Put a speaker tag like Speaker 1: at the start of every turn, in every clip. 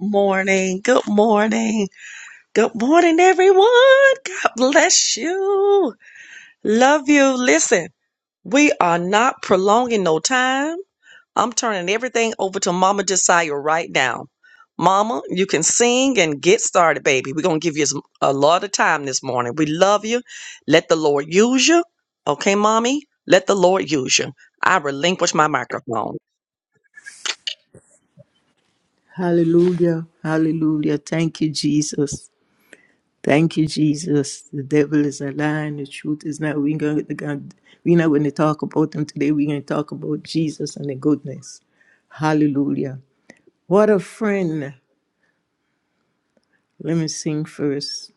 Speaker 1: morning. Good morning. Good morning, everyone. God bless you. Love you. Listen, we are not prolonging no time. I'm turning everything over to Mama Josiah right now. Mama, you can sing and get started, baby. We're going to give you some- a lot of time this morning. We love you. Let the Lord use you. Okay, Mommy? Let the Lord use you. I relinquish my microphone.
Speaker 2: Hallelujah. Hallelujah. Thank you, Jesus. Thank you, Jesus. The devil is a lie and the truth is not. We're, gonna, we're not going to talk about them today. We're going to talk about Jesus and the goodness. Hallelujah. What a friend. Let me sing first.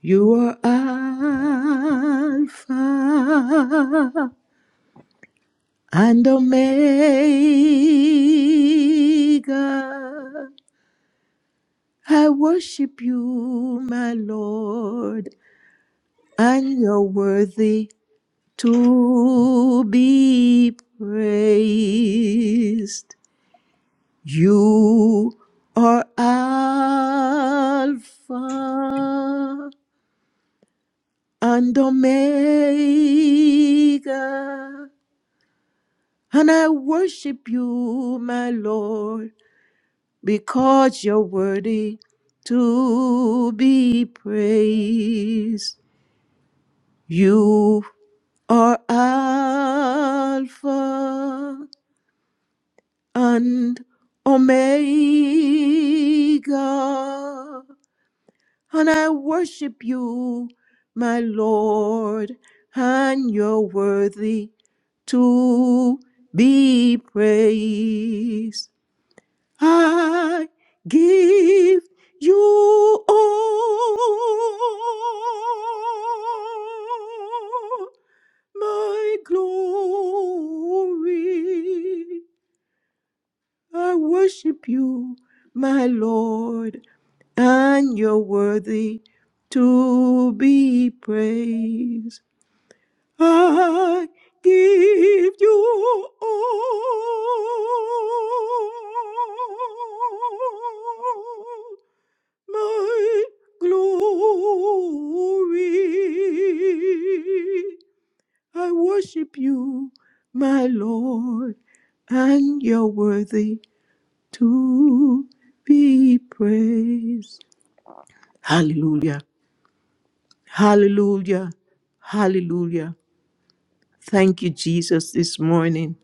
Speaker 2: You are Alpha and Omega. I worship you, my Lord and you're worthy to be praised. You are Alpha and Omega, and I worship you, my Lord, because you're worthy to be praised. You are Alpha and Omega. And I worship you, my Lord, and you're worthy to be praised. I give you all my glory. I worship you, my Lord, and you're worthy to be praised. I give you all my glory. I worship you, my Lord, and you're worthy to be praised. Hallelujah. Hallelujah. Hallelujah. Thank you, Jesus, this morning.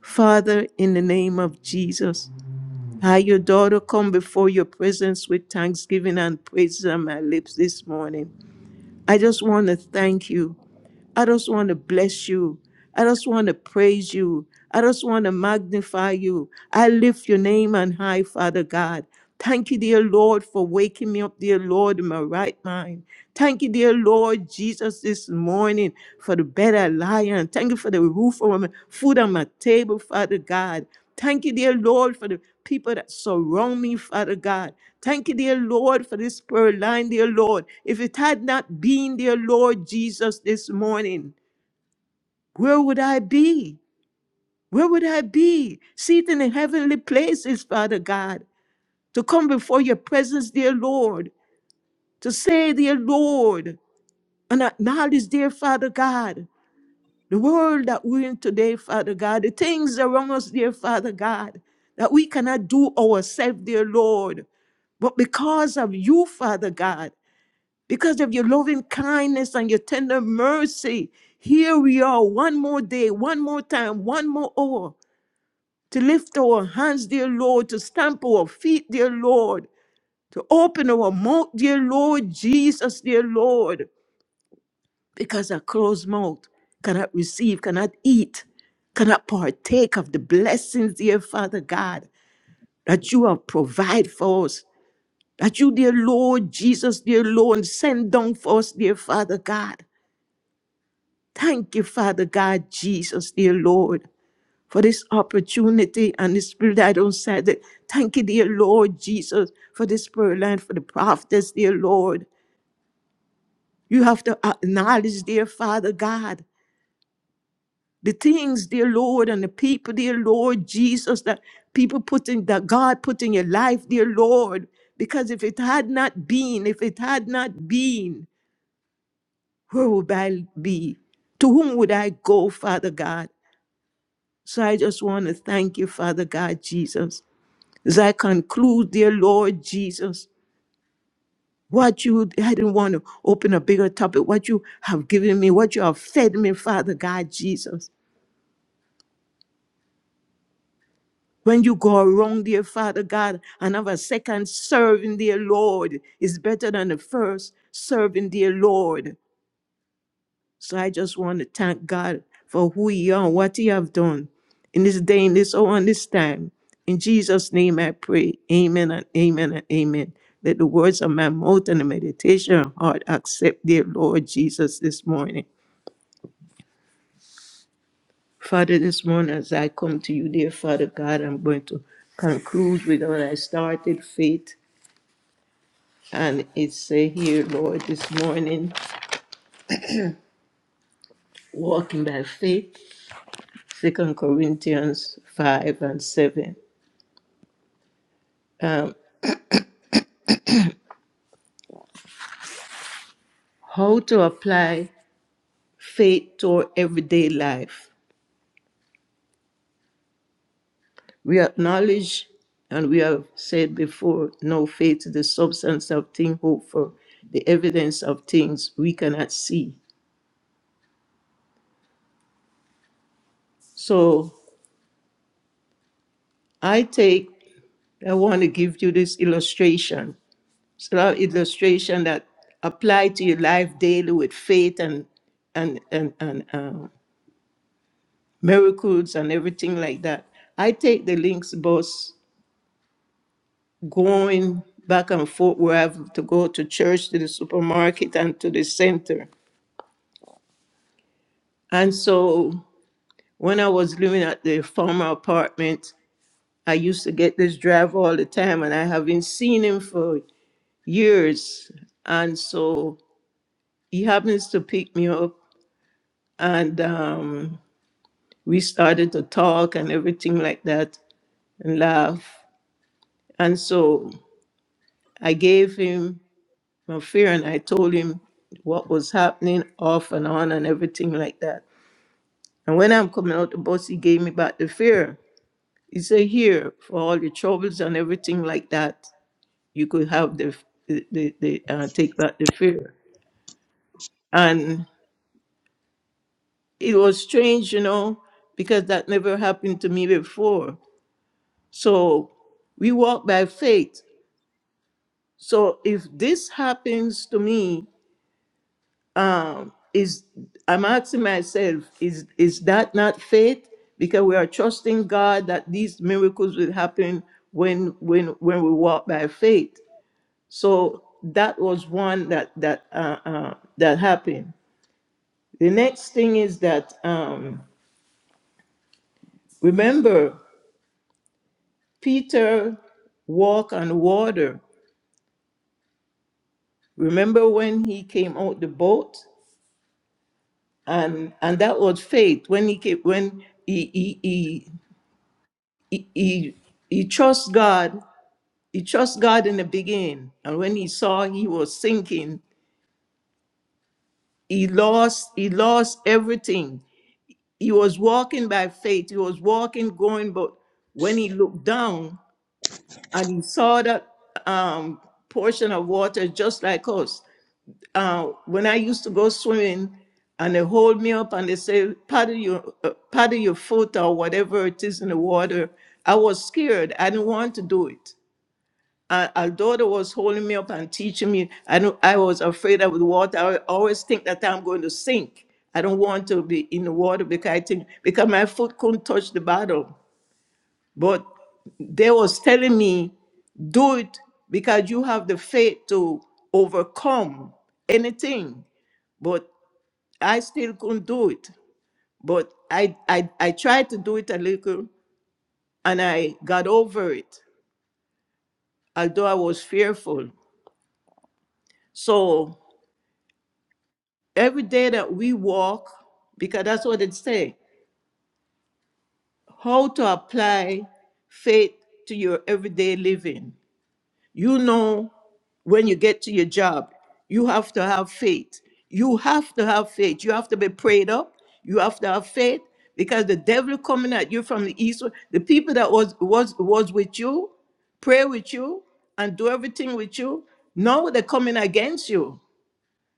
Speaker 2: Father, in the name of Jesus, I, your daughter, come before your presence with thanksgiving and praises on my lips this morning. I just want to thank you. I just want to bless you. I just want to praise you. I just want to magnify you. I lift your name on high, Father God. Thank you, dear Lord, for waking me up, dear Lord, in my right mind. Thank you, dear Lord Jesus, this morning for the bed I lie on. Thank you for the roof over my food on my table, Father God. Thank you, dear Lord, for the people that surround me, Father God. Thank you, dear Lord, for this prayer line, dear Lord. If it had not been, dear Lord Jesus, this morning, where would I be? Where would I be? Seated in heavenly places, Father God, to come before your presence, dear Lord, to say, dear Lord, and acknowledge, dear Father God, the world that we're in today, Father God, the things around us, dear Father God, that we cannot do ourselves, dear Lord. But because of you, Father God, because of your loving kindness and your tender mercy, here we are one more day, one more time, one more hour to lift our hands, dear Lord, to stamp our feet, dear Lord, to open our mouth, dear Lord, Jesus, dear Lord, because a closed mouth cannot receive, cannot eat, cannot partake of the blessings, dear Father God, that you have provided for us, that you, dear Lord, Jesus, dear Lord, send down for us, dear Father God. Thank you, Father God, Jesus, dear Lord. for this opportunity and the spirit that I don't set it. Thank you, dear Lord Jesus, for this prayer line, for the prophets, dear Lord. You have to acknowledge, dear Father God, the things, dear Lord, and the people, dear Lord Jesus, that people put in, that God put in your life, dear Lord. Because if it had not been, if it had not been, where would I be? To whom would I go, Father God? So I just want to thank you, Father God Jesus. As I conclude, dear Lord Jesus, what you, I didn't want to open a bigger topic, what you have given me, what you have fed me, Father God Jesus. When you go wrong, dear Father God, another second serving, dear Lord, is better than the first serving, dear Lord. So I just want to thank God for who He are, and what He have done in this day, in this hour, and this time. In Jesus' name I pray. Amen and amen and amen. Let the words of my mouth and the meditation of my heart accept, dear Lord Jesus, this morning. Father, this morning as I come to you, dear Father God, I'm going to conclude with what I started, faith. And it's uh, here, Lord, this morning, walking by faith, Second Corinthians 5 and 7. Um, how to apply faith to our everyday life. We acknowledge, and we have said before, no faith is the substance of things hoped for, the evidence of things we cannot see. So I take, I want to give you this illustration. It's a lot of illustration that apply to your life daily with faith and and and and um, miracles and everything like that. I take the links bus going back and forth where I have to go to church, to the supermarket, and to the center. And so when I was living at the former apartment, I used to get this driver all the time, and I haven't seen him for years. And so he happens to pick me up, and um, we started to talk and everything like that and laugh. And so I gave him my fear and I told him what was happening off and on and everything like that. And when I'm coming out the bus, he gave me back the fear. He said, here, for all your troubles and everything like that, you could have the, the, the, the uh, take back the fear. And it was strange, you know, because that never happened to me before. So we walk by faith. So if this happens to me um, is I'm asking myself, is is that not faith? Because we are trusting God that these miracles will happen when when when we walk by faith. So that was one that that uh, uh, that happened. The next thing is that um, remember Peter walked on water. Remember when he came out the boat, and and that was faith when he came when he he, he he, he he trusts God. He trusts God in the beginning, and when he saw he was sinking, he lost he lost everything. He was walking by faith. He was walking, going, but when he looked down and he saw that um, portion of water, just like us. Uh, when I used to go swimming, and they hold me up and they say, "Paddle your uh, paddle your foot or whatever it is in the water," I was scared. I didn't want to do it uh, our daughter was holding me up and teaching me. I don't, I was afraid of the water. I always think that I'm going to sink. I don't want to be in the water because I think because my foot couldn't touch the bottom. But they was telling me, do it because you have the faith to overcome anything. But I still couldn't do it. But I, I, I tried to do it a little and I got over it, although I was fearful. So every day that we walk, because that's what it say, how to apply faith to your everyday living. You know, when you get to your job, you have to have faith. You have to have faith. You have to be prayed up. You have to have faith because the devil coming at you from the east. The people that was was was with you, pray with you, and do everything with you. Now they're coming against you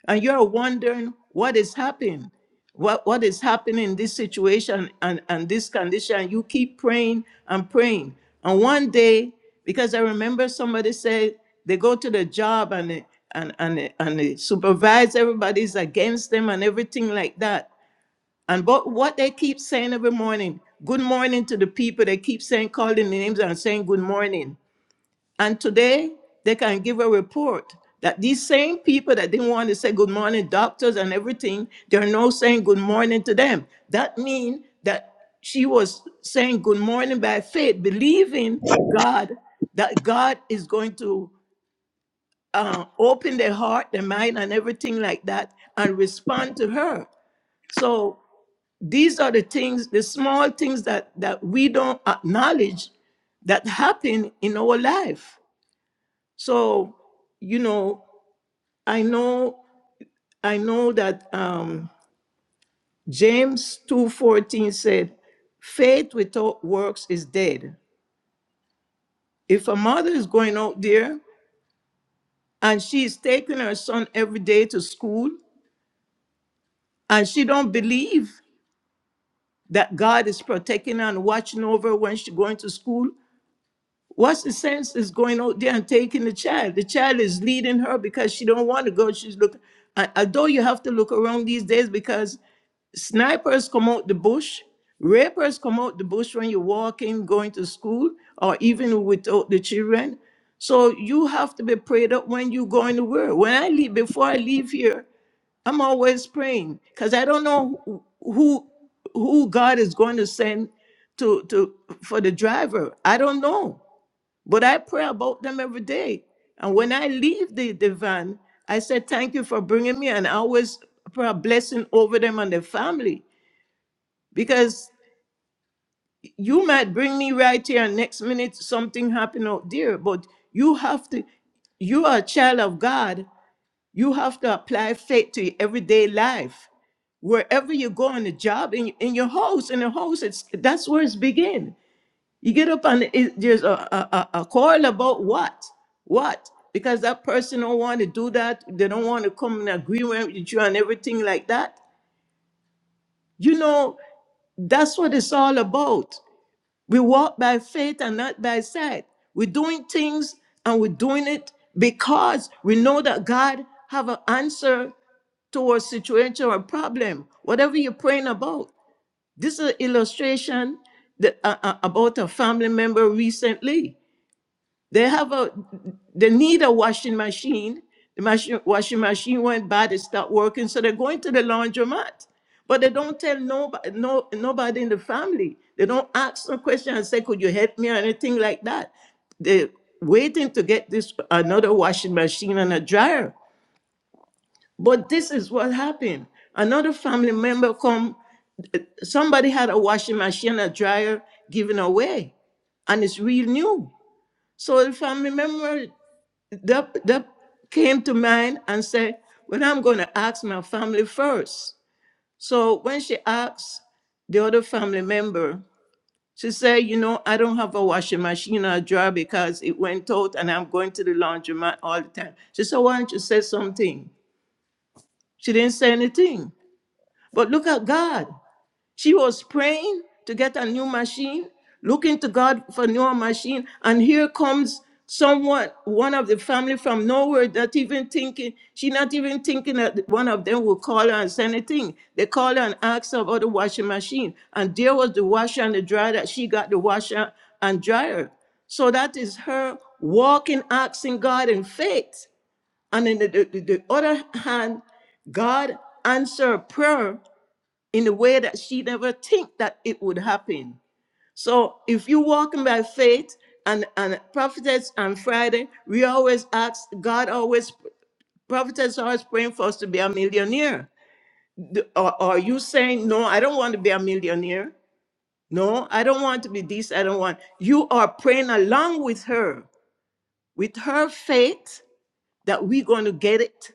Speaker 2: and you're wondering what is happening what what is happening in this situation and and this condition you keep praying and praying and one day because i remember somebody said they go to the job and the- and and the- and the supervisor, everybody's against them and everything like that and but what they keep saying every morning good morning to the people they keep saying calling the names and saying good morning and today, they can give a report that these same people that didn't want to say good morning, doctors and everything, they're now saying good morning to them. That means that she was saying good morning by faith, believing God, that God is going to uh, open their heart, their mind, and everything like that, and respond to her. So these are the things, the small things that, that we don't acknowledge that happen in our life. So, you know, I know I know that um James 2:14 said, "Faith without works is dead." If a mother is going out there and she is taking her son every day to school and she don't believe that God is protecting her and watching over when she's going to school, What's the sense is going out there and taking the child? The child is leading her because she don't want to go. She's look. I Although you have to look around these days because snipers come out the bush, rapers come out the bush when you're walking, going to school, or even without the children. So you have to be prayed up when you go in the world. When I leave, before I leave here, I'm always praying because I don't know who who who God is going to send to to for the driver. I don't know. But I pray about them every day. And when I leave the, the van, I say Thank you for bringing me. And I always pray a blessing over them and their family. Because you might bring me right here, and next minute something happen out there. But you have to, you are a child of God. You have to apply faith to your everyday life. Wherever you go on the job, in, in your house, in the house, it's that's where it's begin. You get up on it, there's a, a, a a quarrel about what? What? Because that person don't want to do that. They don't want to come in agreement with you and everything like that. You know, that's what it's all about. We walk by faith and not by sight. We're doing things and we're doing it because we know that God have an answer to a situation or problem, whatever you're praying about. This is an illustration that, uh, uh, about a family member recently. They have a they need a washing machine. The machine, washing machine went bad, it stopped working, so they're going to the laundromat. But they don't tell nobody, no, nobody in the family. They don't ask no question and say, "Could you help me?" or anything like that. They're waiting to get this another washing machine and a dryer. But this is what happened. Another family member come. Somebody had a washing machine, and a dryer given away, and it's real new. So the family member that, that came to mind and said, Well, I'm going to ask my family first. So when she asked the other family member, she said, You know, I don't have a washing machine or a dryer because it went out and I'm going to the laundromat all the time. She said, Why don't you say something? She didn't say anything. But look at God. She was praying to get a new machine, looking to God for a new machine, and here comes someone, one of the family from nowhere, not even thinking. She not even thinking that one of them will call her and send a thing. They call her and ask her about the washing machine, and there was the washer and the dryer that she got the washer and dryer. So that is her walking, asking God in faith. And in the, the the other hand, God answered prayer in a way that she never think that it would happen. So if you walking by faith and and prophetess on Friday, we always ask God always prophetess always praying for us to be a millionaire. The- Or are you saying no? I don't want to be a millionaire. No, I don't want to be this. I don't want. You are praying along with her, with her faith that we're going to get it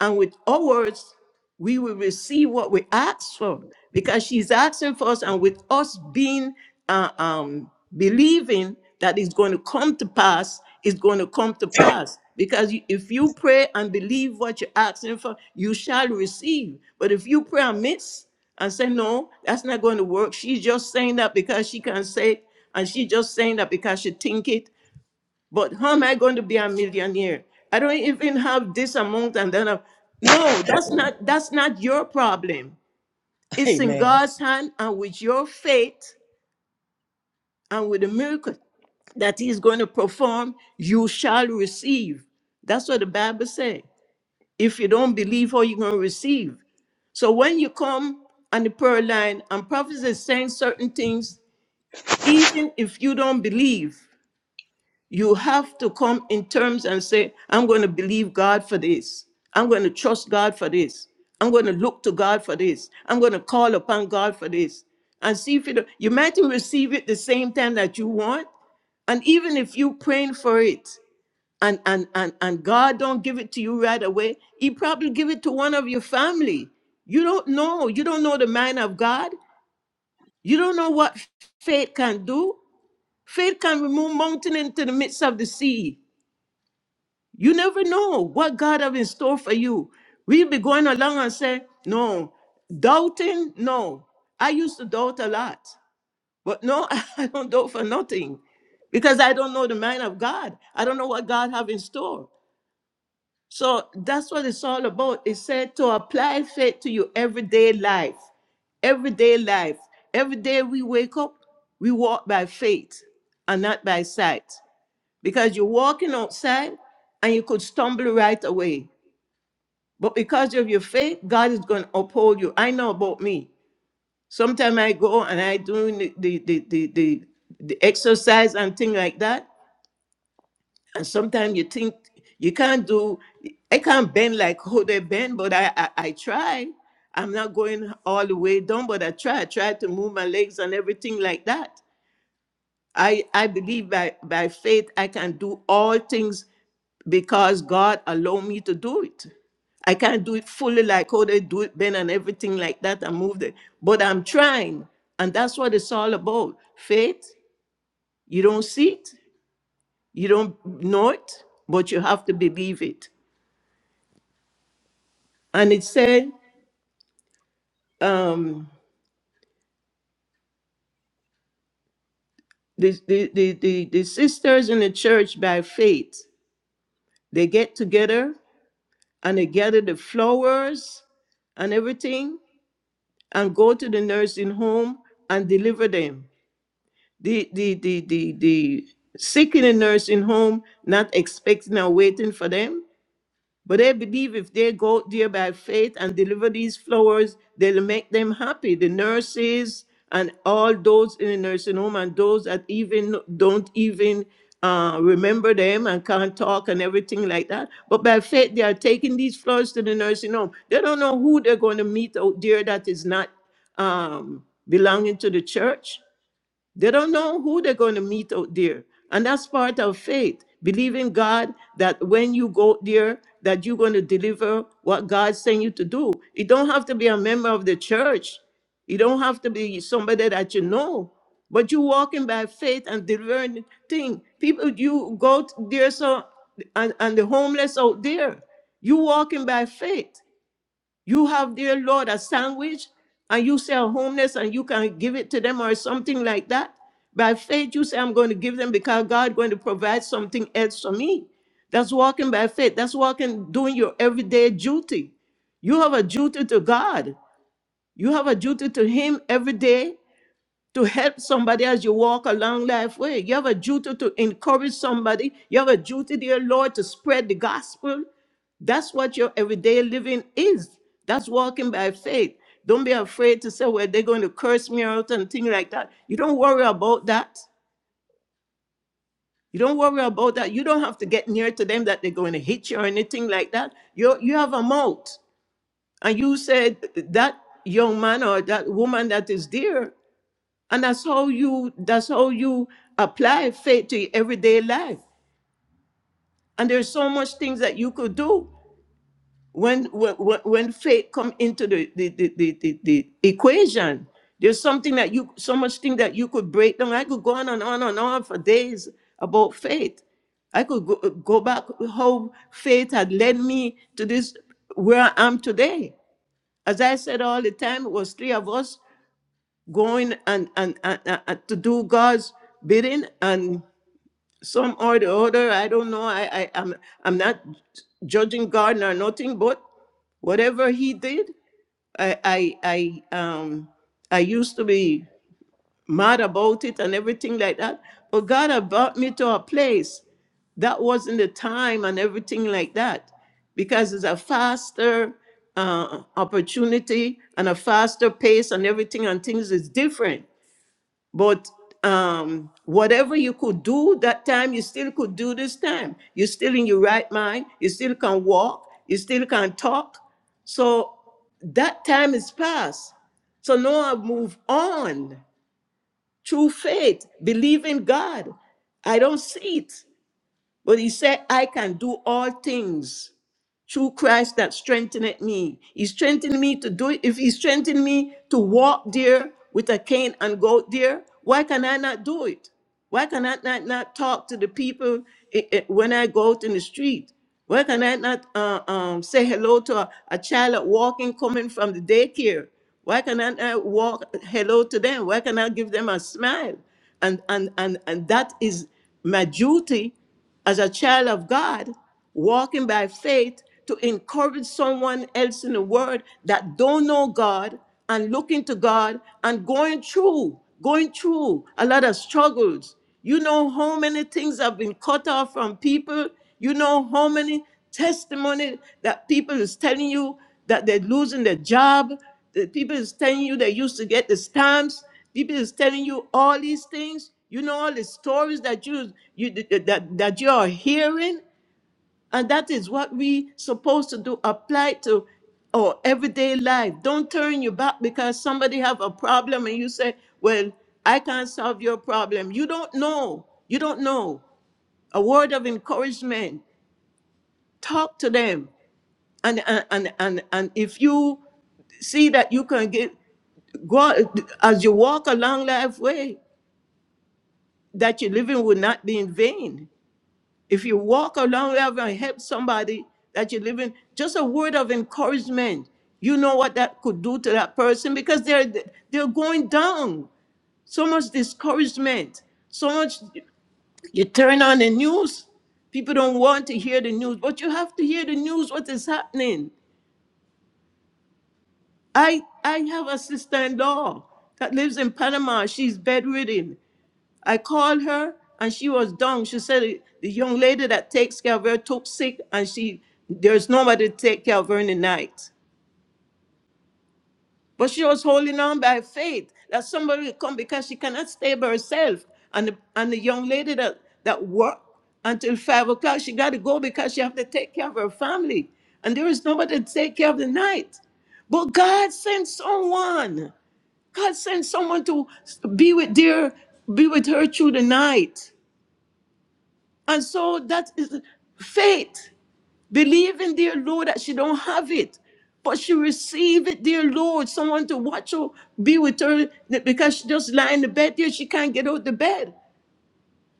Speaker 2: And with ours, we will receive what we ask for because she's asking for us, and with us being uh, um, believing that it's going to come to pass, it's going to come to pass. Because you- if you pray and believe what you're asking for, you shall receive. But if you pray amiss and say, No, that's not going to work, she's just saying that because she can say it, and she's just saying that because she think it, but how am I going to be a millionaire? I don't even have this amount and then am- No, that's not that's not your problem. It's in
Speaker 1: Amen.
Speaker 2: God's hand and with your faith and with the miracle that He's going to perform, you shall receive. That's what the Bible said. If you don't believe, how you going to receive? So when you come on the prayer line and prophets is saying certain things, even if you don't believe, You have to come in terms and say, I'm going to believe God for this. I'm going to trust God for this. I'm going to look to God for this. I'm going to call upon God for this. And see if it, you might receive it the same time that you want. And even if you are praying for it and, and, and, and God don't give it to you right away, he probably give it to one of your family. You don't know. You don't know the mind of God. You don't know what faith can do. Faith can remove mountain into the midst of the sea. You never know what God have in store for you. We be going along and say, no, doubting, no. I used to doubt a lot, but no, I don't doubt for nothing because I don't know the mind of God. I don't know what God have in store. So that's what it's all about. It said to apply faith to your everyday life, everyday life. Every day we wake up, we walk by faith and not by sight because you're walking outside and you could stumble right away. But because of your faith, God is going to uphold you. I know about me. Sometimes I go and I do the the the the, the, the exercise and thing like that. And sometimes you think you can't do. I can't bend like how they bend, but I, I I try. I'm not going all the way down, but I try. I try to move my legs and everything like that. I, I believe by, by faith I can do all things because God allowed me to do it. I can't do it fully like how they do it, Ben, and everything like that and move it. But I'm trying. And that's what it's all about. Faith, you don't see it, you don't know it, but you have to believe it. And it said, um, the, the, the, the, the sisters in the church by faith, they get together and they gather the flowers and everything and go to the nursing home and deliver them. The the the the the sick in a nursing home, not expecting or waiting for them. But I believe if they go there by faith and deliver these flowers, they'll make them happy. The nurses and all those in the nursing home and those that even don't even uh, remember them and can't talk and everything like that. But by faith, they are taking these flowers to the nursing home. They don't know who they're going to meet out there that is not um, belonging to the church. They don't know who they're going to meet out there. And that's part of faith. Believe in God that when you go there, that you're going to deliver what God sent you to do. You don't have to be a member of the church. You don't have to be somebody that you know. But you walking by faith and delivering thing. People, you go t- there so and, and the homeless out there. You walking by faith. You have, dear Lord, a sandwich and you say are homeless and you can give it to them or something like that. By faith, you say, I'm going to give them because God going to provide something else for me. That's walking by faith. That's walking, doing your everyday duty. You have a duty to God. You have a duty to Him every day to help somebody as you walk a long life way. You have a duty to encourage somebody. You have a duty, dear Lord, to spread the gospel. That's what your everyday living is. That's walking by faith. Don't be afraid to say, well, they're going to curse me out and things like that. You don't worry about that. You don't worry about that. You don't have to get near to them that they're going to hit you or anything like that. You you have a mouth, and you said that young man or that woman that is there. And that's how you that's how you apply faith to your everyday life. And there's so much things that you could do when when, when faith come into the the, the, the, the the equation. There's something that you so much thing that you could break down. I could go on and on and on for days about faith. I could go, go back how faith had led me to this where I am today. As I said all the time, it was three of us going and, and, and, and- to do God's bidding and some or the other. I don't know. I, I I'm I'm not judging God nor nothing, but whatever he did, I I I um I used to be mad about it and everything like that. But God had brought me to a place that wasn't the time and everything like that because it's a faster uh, opportunity and a faster pace and everything and things is different but um, whatever you could do that time, you still could do this time. You're still in your right mind. You still can walk. You still can talk. So that time is past. So now I move on through faith, believe in God. I don't see it, but He said, I can do all things through Christ that strengtheneth me. He strengthened me to do it. If he strengthened me to walk there with a cane and go there, why can I not do it? Why can I not, not talk to the people i- i- when I go out in the street? Why can I not uh, um, say hello to a, a child that walking coming from the daycare? Why can I not walk hello to them? Why can I give them a smile? And and and and that is my duty as a child of God, walking by faith to encourage someone else in the world that don't know God and looking to God and going through, going through a lot of struggles. You know how many things have been cut off from people. You know how many testimony that people is telling you that they're losing their job. The people is telling you they used to get the stamps. People is telling you all these things. You know all the stories that you you that that you are hearing, and that is what we supposed to do. Apply to our everyday life. Don't turn your back because somebody have a problem and you say, "Well, I can't solve your problem." You don't know. You don't know. A word of encouragement. Talk to them, and and and and, and if you see that you can give. God, as you walk along long life way, that your living will not be in vain. If you walk along long life and help somebody that you're living, just a word of encouragement, you know what that could do to that person because they're they're going down. So much discouragement, so much. You turn on the news, people don't want to hear the news, but you have to hear the news. What is happening? I I have a sister-in-law that lives in Panama. She's bedridden. I called her and she was down. She said the young lady that takes care of her took sick and she there's nobody to take care of her in the night. But she was holding on by faith that somebody will come because she cannot stay by herself. And the, and the young lady that, that worked until five o'clock, she got to go because she have to take care of her family. And there is nobody to take care of the night. But God sent someone. God sent someone to be with dear, be with her through the night. And so that is faith. Believing, dear Lord, that she don't have it. But she receive it, dear Lord. Someone to watch her, be with her, that because she just lying in the bed there, she can't get out the bed.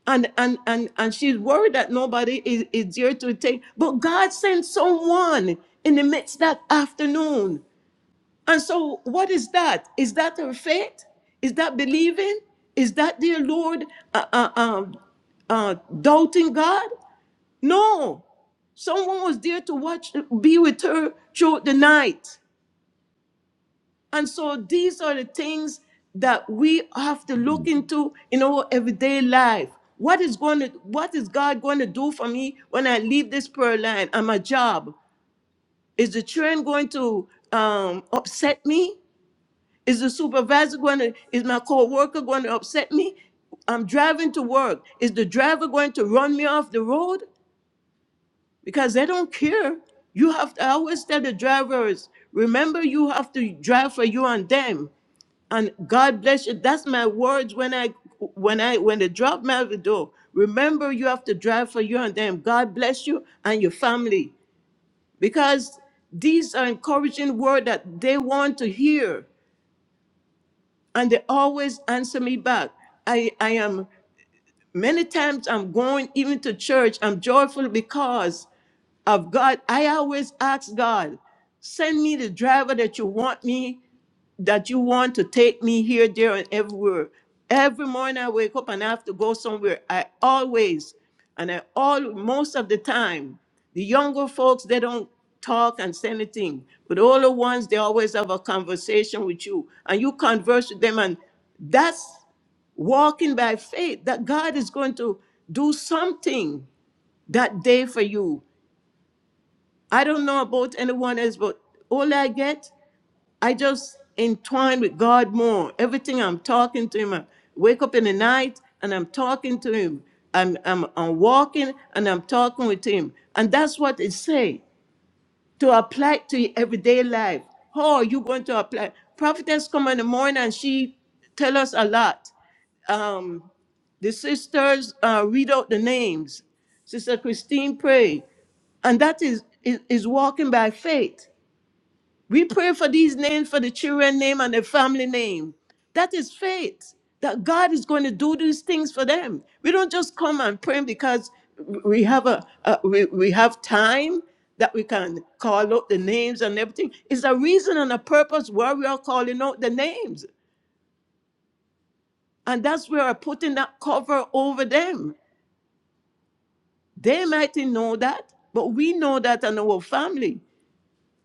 Speaker 2: And and and and she's worried that nobody is, is there to take. But God sent someone in the midst that afternoon. And so what is that? Is that her faith? Is that believing? Is that, dear Lord, uh, uh, um, uh, doubting God? No, someone was there to watch, be with her throughout the night. And so these are the things that we have to look into in our everyday life. What is going to, what is God going to do for me when I leave this prayer line and my job? Is the train going to um, upset me? Is the supervisor going to, is my coworker going to upset me? I'm driving to work. Is the driver going to run me off the road? because they don't care. You have to I always tell the drivers, remember you have to drive for you and them. And God bless you. That's my words when I when I when they drop me out the door. Remember you have to drive for you and them. God bless you and your family. Because these are encouraging words that they want to hear. And they always answer me back. I, I am many times I'm going even to church. I'm joyful because of God. I always ask God, send me the driver that you want me, that you want to take me here, there, and everywhere. Every morning I wake up and I have to go somewhere. I always, and I all most of the time, the younger folks they don't talk and say anything, but the older ones they always have a conversation with you, and you converse with them, and that's walking by faith that God is going to do something that day for you. I don't know about anyone else, but all I get, I just entwine with God more. Everything I'm talking to Him, I wake up in the night and I'm talking to Him. I'm, I'm, I'm walking and I'm talking with Him. And that's what it say to apply to your everyday life. How are you going to apply? Prophetess come in the morning and she tell us a lot. Um, the sisters uh, read out the names. Sister Christine pray. And that is, is, is walking by faith. We pray for these names, for the children name and the family name. That is faith. That God is going to do these things for them. We don't just come and pray because we have a, a we, we have time that we can call out the names and everything. It's a reason and a purpose why we are calling out the names. And that's where we're putting that cover over them. They might not know that, but we know that in our family.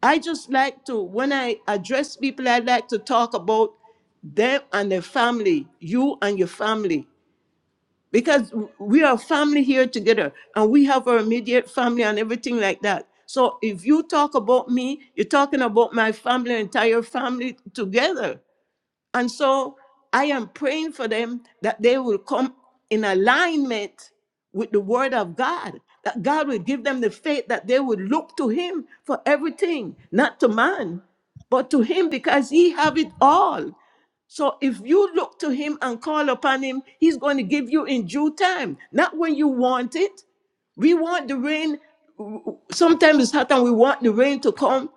Speaker 2: I just like to, when I address people, I like to talk about them and their family, you and your family, because we are family here together and we have our immediate family and everything like that. So if you talk about me, you're talking about my family, entire family together. And so I am praying for them that they will come in alignment with the word of God, that God will give them the faith that they will look to him for everything, not to man, but to him because he have it all. So if you look to him and call upon him, he's going to give you in due time, not when you want it. We want the rain. Sometimes it's hot and we want the rain to come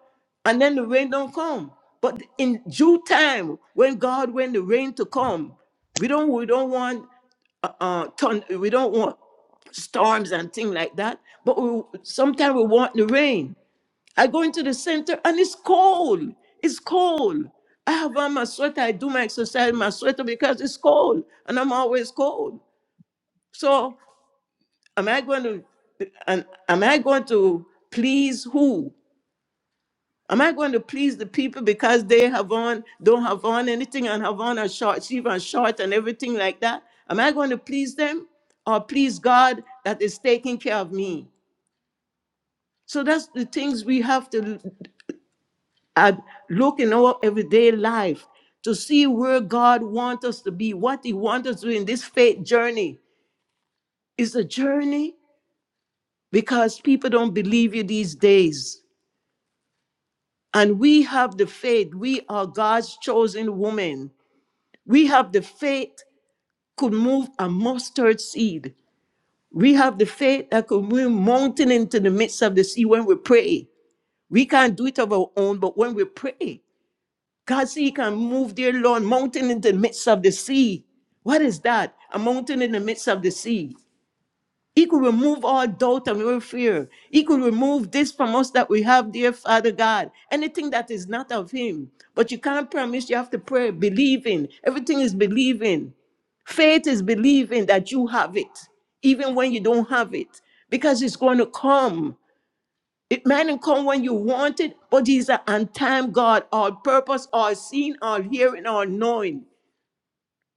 Speaker 2: and then the rain don't come. But in due time, when God when the rain to come, we don't we don't want uh, uh ton, we don't want storms and things like that. But we sometimes we want the rain. I go into the center and it's cold. It's cold. I have on my sweater. I do my exercise in my sweater because it's cold, and I'm always cold. So am I going to and am I going to please who? Am I going to please the people because they have on, don't have on anything and have on a short sleeve and short and everything like that? Am I going to please them or please God that is taking care of me? So that's the things we have to uh, look in our everyday life to see where God wants us to be, what He wants us to do in this faith journey. It's a journey because people don't believe you these days. And we have the faith. We are God's chosen woman. We have the faith could move a mustard seed. We have the faith that could move mountain into the midst of the sea when we pray. We can't do it of our own, but when we pray, God said He can move, dear Lord, mountain in the midst of the sea. What is that? A mountain in the midst of the sea. He could remove all doubt and all fear. He could remove this from us that we have, dear Father God. Anything that is not of Him. But you can't promise, you have to pray, believing. Everything is believing. Faith is believing that you have it, even when you don't have it, because it's going to come. It may not come when you want it, but He's an on time God, all purpose, all seeing, all hearing, all knowing.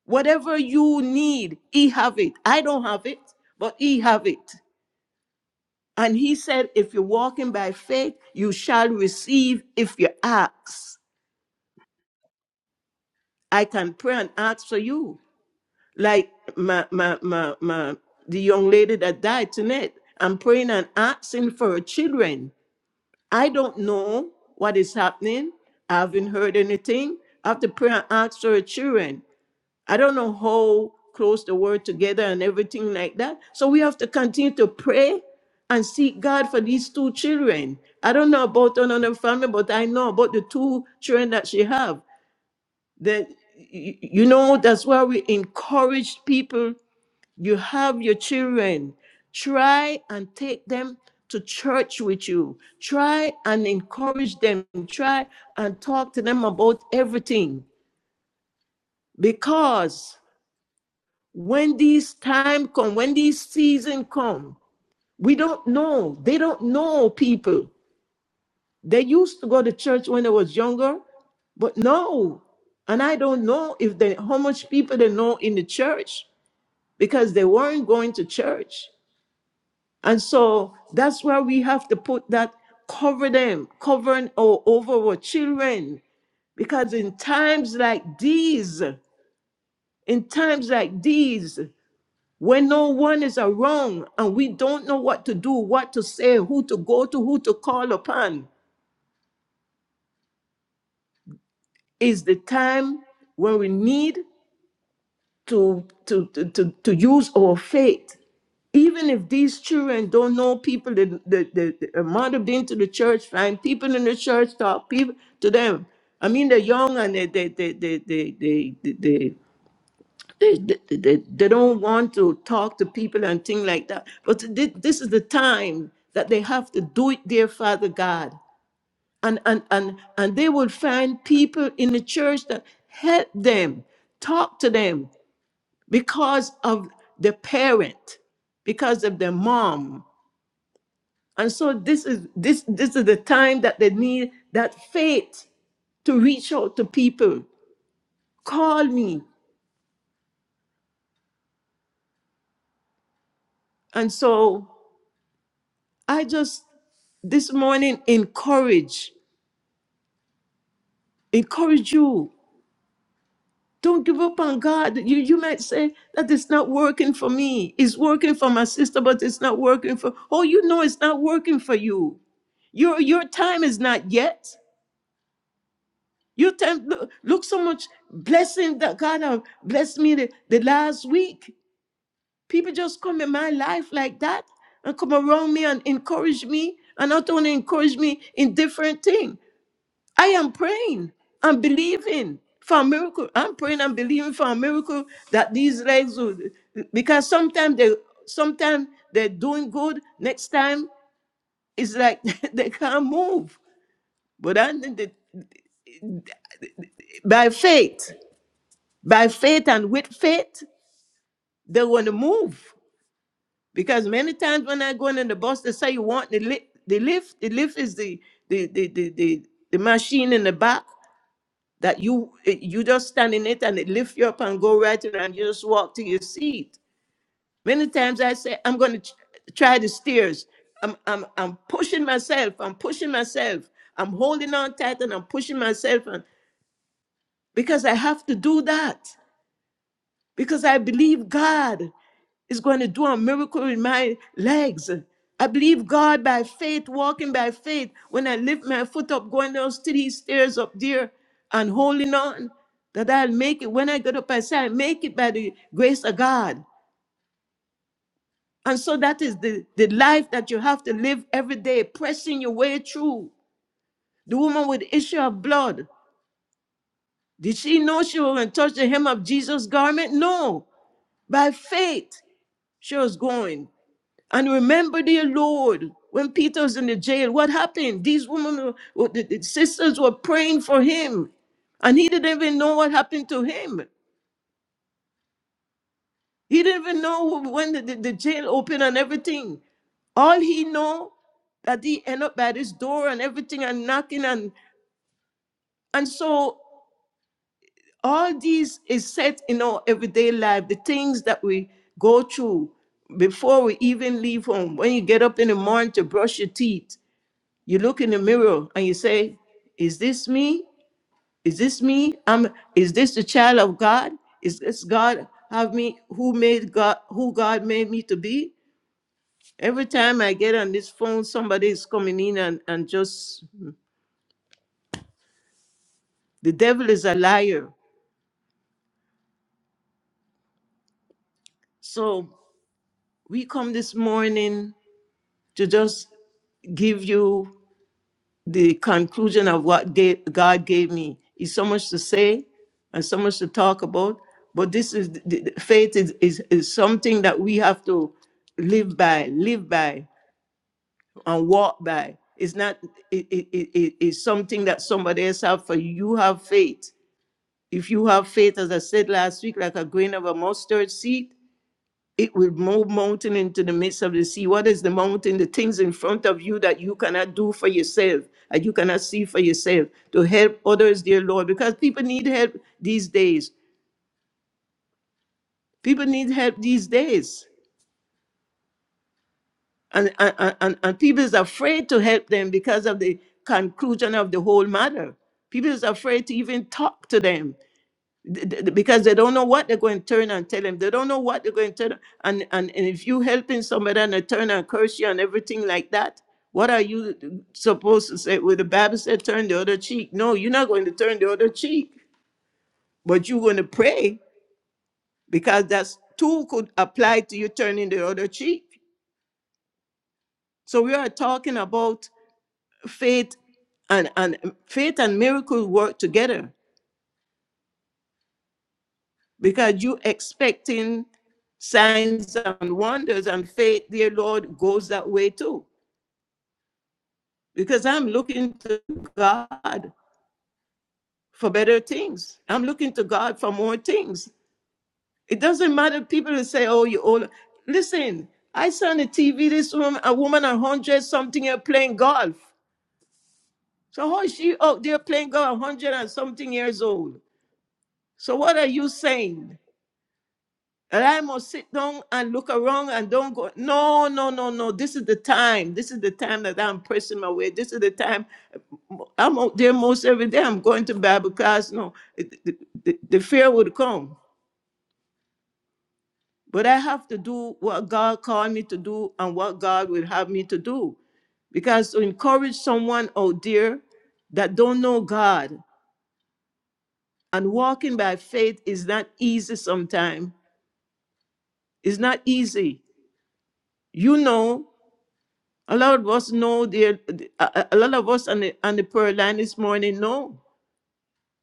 Speaker 2: Whatever you need, He have it. I don't have it, but He have it. And he said, if you're walking by faith, you shall receive if you ask. I can pray and ask for you. Like my, my, my, my, the young lady that died tonight, I'm praying and asking for her children. I don't know what is happening. I haven't heard anything. I have to pray and ask for her children. I don't know how close the word together and everything like that. So we have to continue to pray and seek God for these two children. I don't know about another family, but I know about the two children that she have. That y- you know, that's why we encourage people. You have your children. Try and take them to church with you. Try and encourage them. Try and talk to them about everything because when this time come when this season come we don't know they don't know people they used to go to church when i was younger but no and i don't know if they how much people they know in the church because they weren't going to church and so that's why we have to put that cover them covering or over our children because in times like these in times like these When no one is around and we don't know what to do, what to say, who to go to, who to call upon, is the time when we need to, to, to, to, to use our faith. Even if these children don't know people, the, the, the, the amount been to the church, find people in the church, talk people to them. I mean, they're young and they, they, they, they, they, they, they, They, they, they, they don't want to talk to people and things like that. But thi- this is the time that they have to do it, dear Father God. And, and, and, and they will find people in the church that help them, talk to them because of the parent, because of their mom. And so this is this this is the time that they need that faith to reach out to people. Call me. And so I just this morning encourage, encourage you. Don't give up on God. You you might say that it's not working for me. It's working for my sister, but it's not working for. Oh, you know it's not working for you. Your your time is not yet. Your time look, look so much blessing that God have blessed me the, the last week. People just come in my life like that and come around me and encourage me and not only encourage me in different things. I am praying and believing for a miracle. I'm praying and believing for a miracle that these legs will because sometimes they sometimes they're doing good. Next time it's like they can't move. But I think that by faith, by faith and with faith, they want to move. Because many times when I go in the bus, they say you want the lift. The lift, the lift is the the the the, the, the machine in the back. that you eh, you just stand in it and it lift you up and go right in and you just walk to your seat. Many times I say, I'm going to try the stairs. I'm, I'm, I'm pushing myself. I'm pushing myself. I'm holding on tight and I'm pushing myself and, because I have to do that because I believe God is going to do a miracle in my legs. I believe God by faith, walking by faith. When I lift my foot up, going down steady stairs up there and holding on, that I'll make it. When I get up, I say, I make it by the grace of God. And so that is the, the life that you have to live every day, pressing your way through. The woman with the issue of blood, did she know she was going to touch the hem of Jesus' garment? No. By faith, she was going. And remember, dear Lord, when Peter was in the jail, what happened? These women, were- the, the sisters were praying for him, and he didn't even know what happened to him. He didn't even know when the, the, the jail opened and everything. All he know that he end up at his door and everything and knocking and and so all these is set in our everyday life, the things that we go through before we even leave home. When you get up in the morning to brush your teeth, You look in the mirror and you say, Is this me? Is this me? I'm is this the child of God? Is this God have me who made God who God made me to be? Every time I get on this phone, somebody is coming in and, and just the devil is a liar. So we come this morning to just give you. the conclusion of what ga- God gave me. is so much to say and so much to talk about, but this is the, the- faith is, is is something that we have to live by, live by, and walk by. It's not it, it, it, it- it's something that somebody else have for you. You have faith. If you have faith, as I said last week, like a grain of a mustard seed, it will move mountain into the midst of the sea. What is the mountain? The things in front of you that you cannot do for yourself, and you cannot see for yourself. To help others, dear Lord, because people need help these days. People need help these days. And, and, and, and people is afraid to help them because of the conclusion of the whole matter. People is afraid to even talk to them th- th- because they don't know what they're going to turn and tell him. They don't know what they're going to turn and and, and if you helping somebody and they turn and curse you and everything like that, what are you supposed to say? Well, the Bible said turn the other cheek. No, you're not going to turn the other cheek, but you're going to pray because that's too could apply to you turning the other cheek. So we are talking about faith and, and faith and miracle work together. because you expecting signs and wonders and faith, dear Lord, goes that way too. Because I'm looking to God for better things. I'm looking to God for more things. It doesn't matter. People will say, "Oh, you old." Listen, I saw on the TV this woman, a woman a hundred something year playing golf. So how is she out there playing golf, a hundred and something years old? So what are you saying? And I must sit down and look around and don't go, no, no, no, no. This is the time. This is the time that I'm pressing my way. This is the time I'm out there most every day. I'm going to Bible class. No, it- the, the, the fear would come. But I have to do what God called me to do and what God would have me to do. Because to encourage someone out there that don't know God and walking by faith is not easy sometimes. It's not easy. You know A lot of us know there. A, a lot of us on the on the prayer line this morning know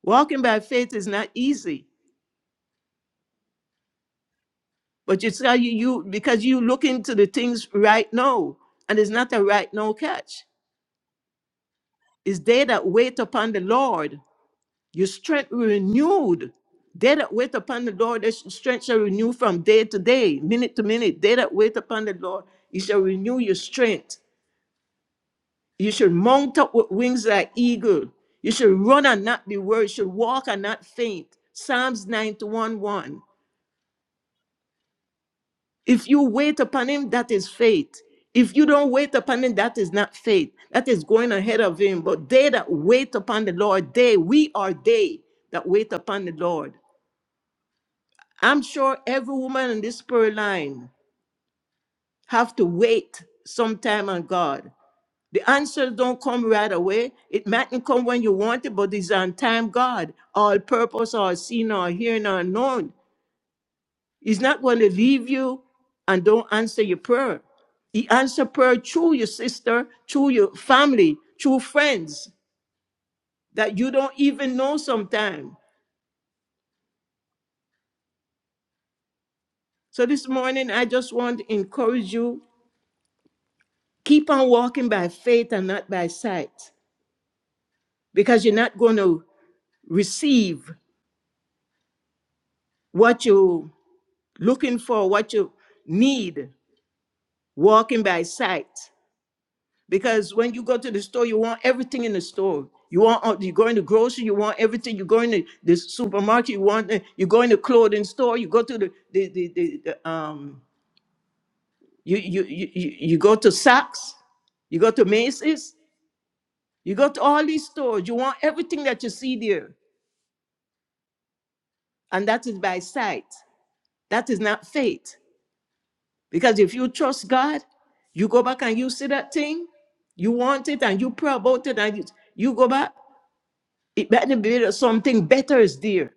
Speaker 2: walking by faith is not easy. But you tell you you because you look into the things right now, and it's not a right now catch. It's they that wait upon the Lord. Your strength will be renewed. They that wait upon the Lord, their strength shall renew from day to day, minute to minute. They that wait upon the Lord, you shall renew your strength. You should mount up with wings like eagle. You should run and not be weary. You should walk and not faint. Psalms 91 1. If you wait upon him, that is faith. If you don't wait upon him, that is not faith. That is going ahead of him. But they that wait upon the Lord, they, we are they that wait upon the Lord. I'm sure every woman in this prayer line have to wait sometime on God. The answers don't come right away. It mightn't come when you want it, but it's on time, God, all purpose, all seen, all hearing, all known. He's not going to leave you and don't answer your prayer. He answer prayer through your sister, through your family, through friends that you don't even know sometime. So this morning, I just want to encourage you keep on walking by faith and not by sight because you're not going to receive what you looking for what you need, walking by sight. Because when you go to the store, you want everything in the store. You want uh, you go in the grocery, you want everything. You go in the, the supermarket, you want the- you go in the clothing store. You go to the the the, the, the um you, you you you you go to Saks, you go to Macy's, you go to all these stores. You want everything that you see there, and that is by sight. That is not faith. Because if you trust God, you go back and you see that thing, you want it and you pray about it and you, you go back, it better be that something better is there.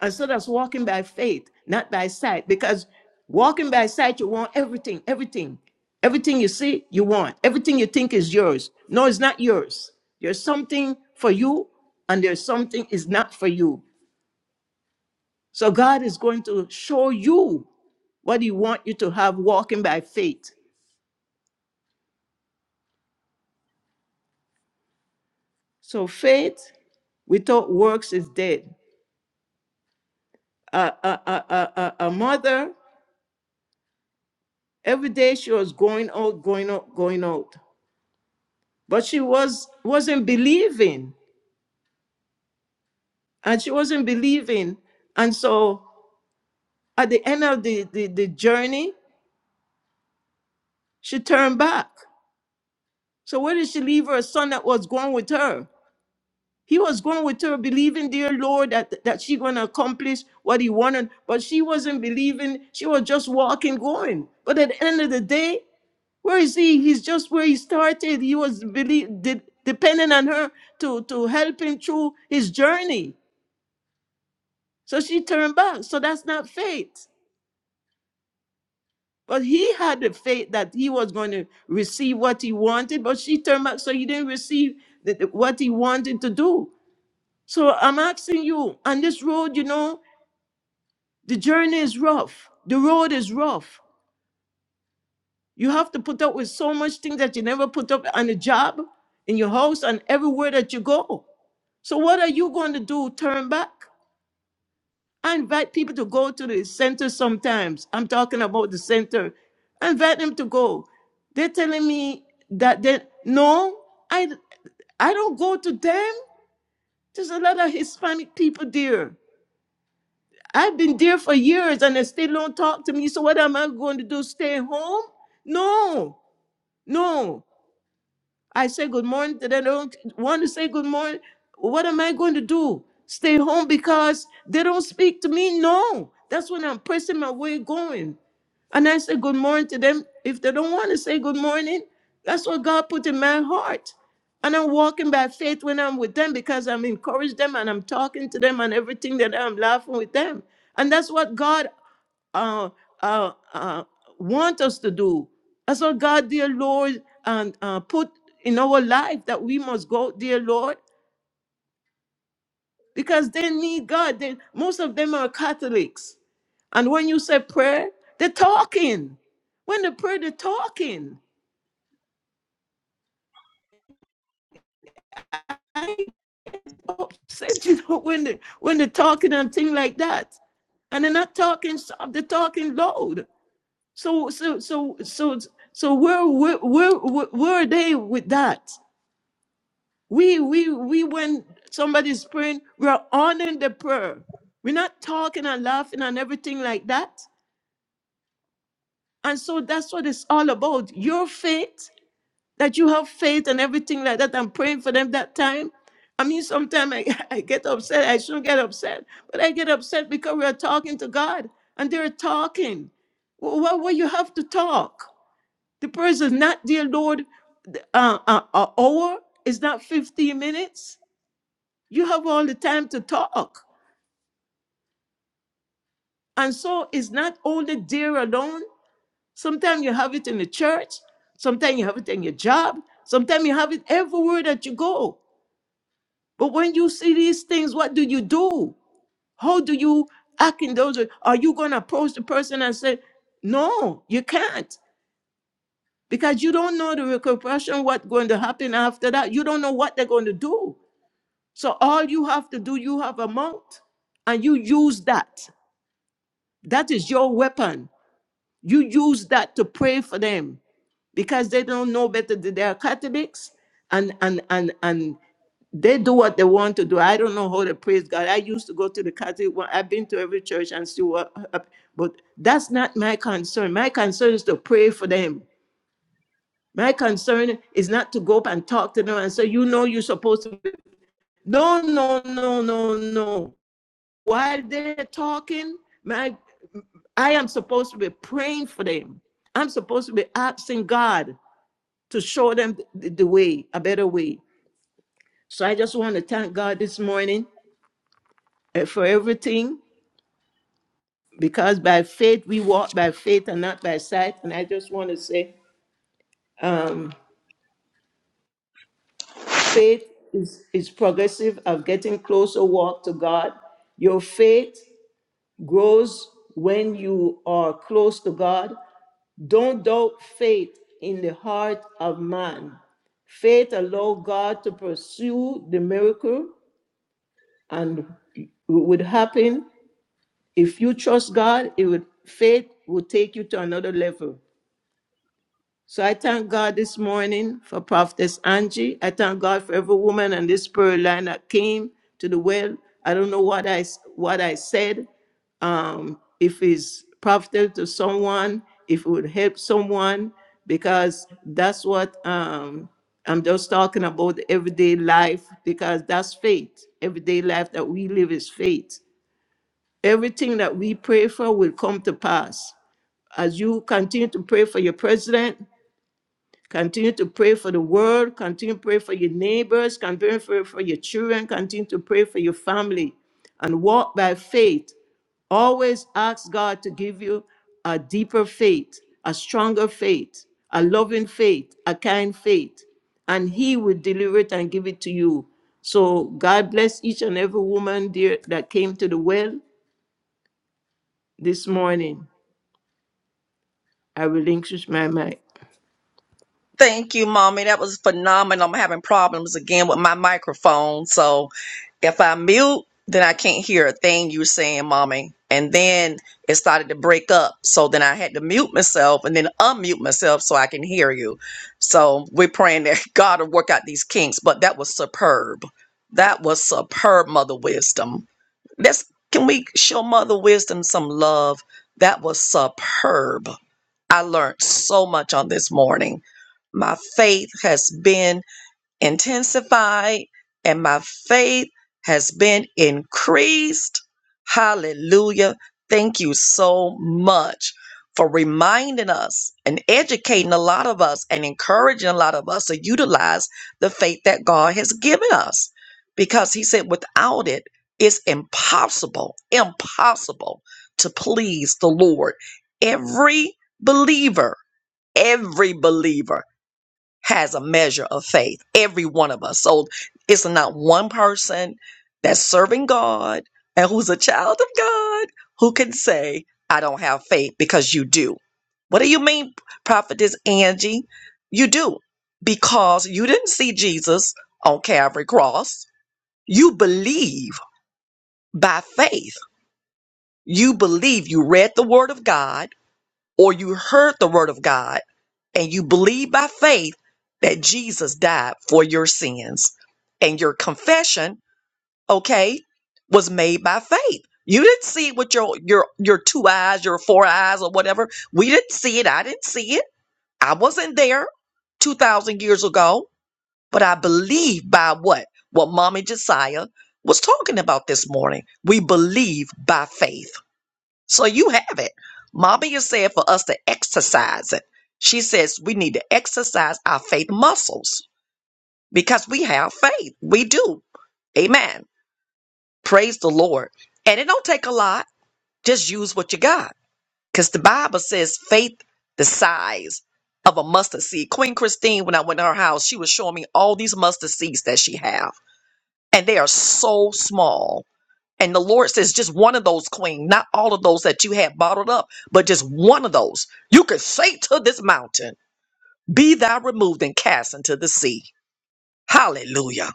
Speaker 2: And so that's walking by faith, not by sight. Because walking by sight, you want everything, everything. Everything you see, you want. Everything you think is yours. No, it's not yours. There's something for you and there's something is not for you. So God is going to show you what he want you to have walking by faith. So faith without works is dead. A, a, a, a, a a mother, every day she was going out, going out, going out. But she was wasn't believing. And she wasn't believing. And so at the end of the, the, the journey, she turned back. So where did she leave her son that was going with her? He was going with her, believing, dear Lord, that, that she gonna accomplish what he wanted, but she wasn't believing, she was just walking, going. But at the end of the day, Where is he? He's just where he started. He was believe, de- dependent on her to, to help him through his journey. So she turned back. So that's not faith. But he had the faith that he was going to receive what he wanted, but she turned back. So he didn't receive the, the- what he wanted to do. So I'm asking you on this road, you know, the journey is rough, the road is rough. You have to put up with so much things that you never put up on the job, in your house, and everywhere that you go. So what are you going to do? Turn back? I invite people to go to the center sometimes. I'm talking about the center. I invite them to go. They're telling me that they no, I I don't go to them. There's a lot of Hispanic people there. I've been there for years and they still don't talk to me. So what am I going to do? Stay home? No, no. I say good morning to them. They don't want to say good morning. What am I going to do? Stay home because they don't speak to me? No. That's when I'm pressing my way going. And I say good morning to them. If they don't want to say good morning, that's what God put in my heart. And I'm walking by faith when I'm with them because I'm encouraged them and I'm talking to them and everything that I'm laughing with them. And that's what God uh, uh, uh, want us to do. That's what God, dear Lord, and uh, put in our life that we must go, dear Lord, because they need God. They, most of them are Catholics. And when you say prayer, they're talking. When they pray, they're talking. I ain't upset you know, when they when they're talking and things like that. And they're not talking soft, they're talking loud. So so so so so where where where where where are they with that? We, we, we, when somebody's praying, we're honoring the prayer. We're not talking and laughing and everything like that. And so that's what it's all about. Your faith, that you have faith and everything like that. I'm praying for them that time. I mean, sometimes I, I get upset. I shouldn't get upset, but I get upset because we're talking to God and they're talking. Why would you have to talk? The prayer is not, dear Lord, th- uh, uh, uh, hour, it's not 15 minutes. You have all the time to talk. And so it's not only there alone. Sometimes you have it in the church, sometimes you have it in your job, sometimes you have it everywhere that you go. But when you see these things, what do you do? How do you act in those? ways? Are you going to approach the person and say, no, you can't? Because you don't know the repercussion, what's going to happen after that. You don't know what they're going to do. So all you have to do, you have a mouth and you use that. That is your weapon You use that to pray for them because they don't know better. than They are Catholics and and and and they do what they want to do. I don't know how to praise God. I used to go to the Catholic one. I've been to every church and still, what hap- but that's not my concern. My concern is to pray for them. My concern is not to go up and talk to them and say, you know you're supposed to be-" no, no, no, no, no. While they're talking, my I am supposed to be praying for them. I'm supposed to be asking God to show them the, the way, a better way. So I just want to thank God this morning uh, for everything because by faith we walk by faith and not by sight. And I just want to say, um, faith is, is progressive of getting closer walk to God. Your faith grows when you are close to God. Don't doubt faith in the heart of man. Faith allow God to pursue the miracle and it would happen if you trust God. It would faith will take you to another level. So I thank God this morning for Prophetess Angie. I thank God for every woman on this prayer line that came to the well. I don't know what I what I said. Um, if it's profitable to someone, if it would help someone, because that's what um, I'm just talking about everyday life because that's faith. Everyday life that we live is faith. Everything that we pray for will come to pass. As you continue to pray for your president, continue to pray for the world, continue to pray for your neighbors, continue to pray for your children, continue to pray for your family, and walk by faith. Always ask God to give you a deeper faith, a stronger faith, a loving faith, a kind faith, and He will deliver it and give it to you. So God bless each and every woman there that came to the well this morning. I relinquish my mic.
Speaker 1: Thank you, mommy. That was phenomenal. I'm having problems again with my microphone. So if I mute, then I can't hear a thing you're saying, mommy. And then it started to break up. So then I had to mute myself and then unmute myself so I can hear you. So we're praying that God will work out these kinks. But that was superb. That was superb, mother wisdom. Let's can we show mother wisdom some love? That was superb. I learned so much on this morning. My faith has been intensified and my faith has been increased. Hallelujah. Thank you so much for reminding us and educating a lot of us and encouraging a lot of us to utilize the faith that God has given us. Because He said, without it, it's impossible, impossible to please the Lord. Every believer, every believer has a measure of faith. Every one of us. So it's not one person that's serving God and who's a child of God who can say, I don't have faith because you do. What do you mean, prophetess Angie? You do because you didn't see Jesus on Calvary Cross. You believe by faith. You believe you read the word of God or you heard the word of God and you believe by faith that Jesus died for your sins and your confession, okay, was made by faith. You didn't see it with your your your two eyes, your four eyes or whatever. We didn't see it. I didn't see it. I wasn't there 2000 years ago, but I believe by what what Mommy Josiah was talking about this morning. We believe by faith. So you have it. Mama is saying for us to exercise it. She says we need to exercise our faith muscles because we have faith. We do. Amen. Praise the Lord. And it don't take a lot. Just use what you got. Because the Bible says faith the size of a mustard seed. Queen Christine, when I went to her house, she was showing me all these mustard seeds that she have. And they are so small And the Lord says, just one of those, queen, not all of those that you had bottled up, but just one of those. You could say to this mountain, Be thou removed and cast into the sea. Hallelujah.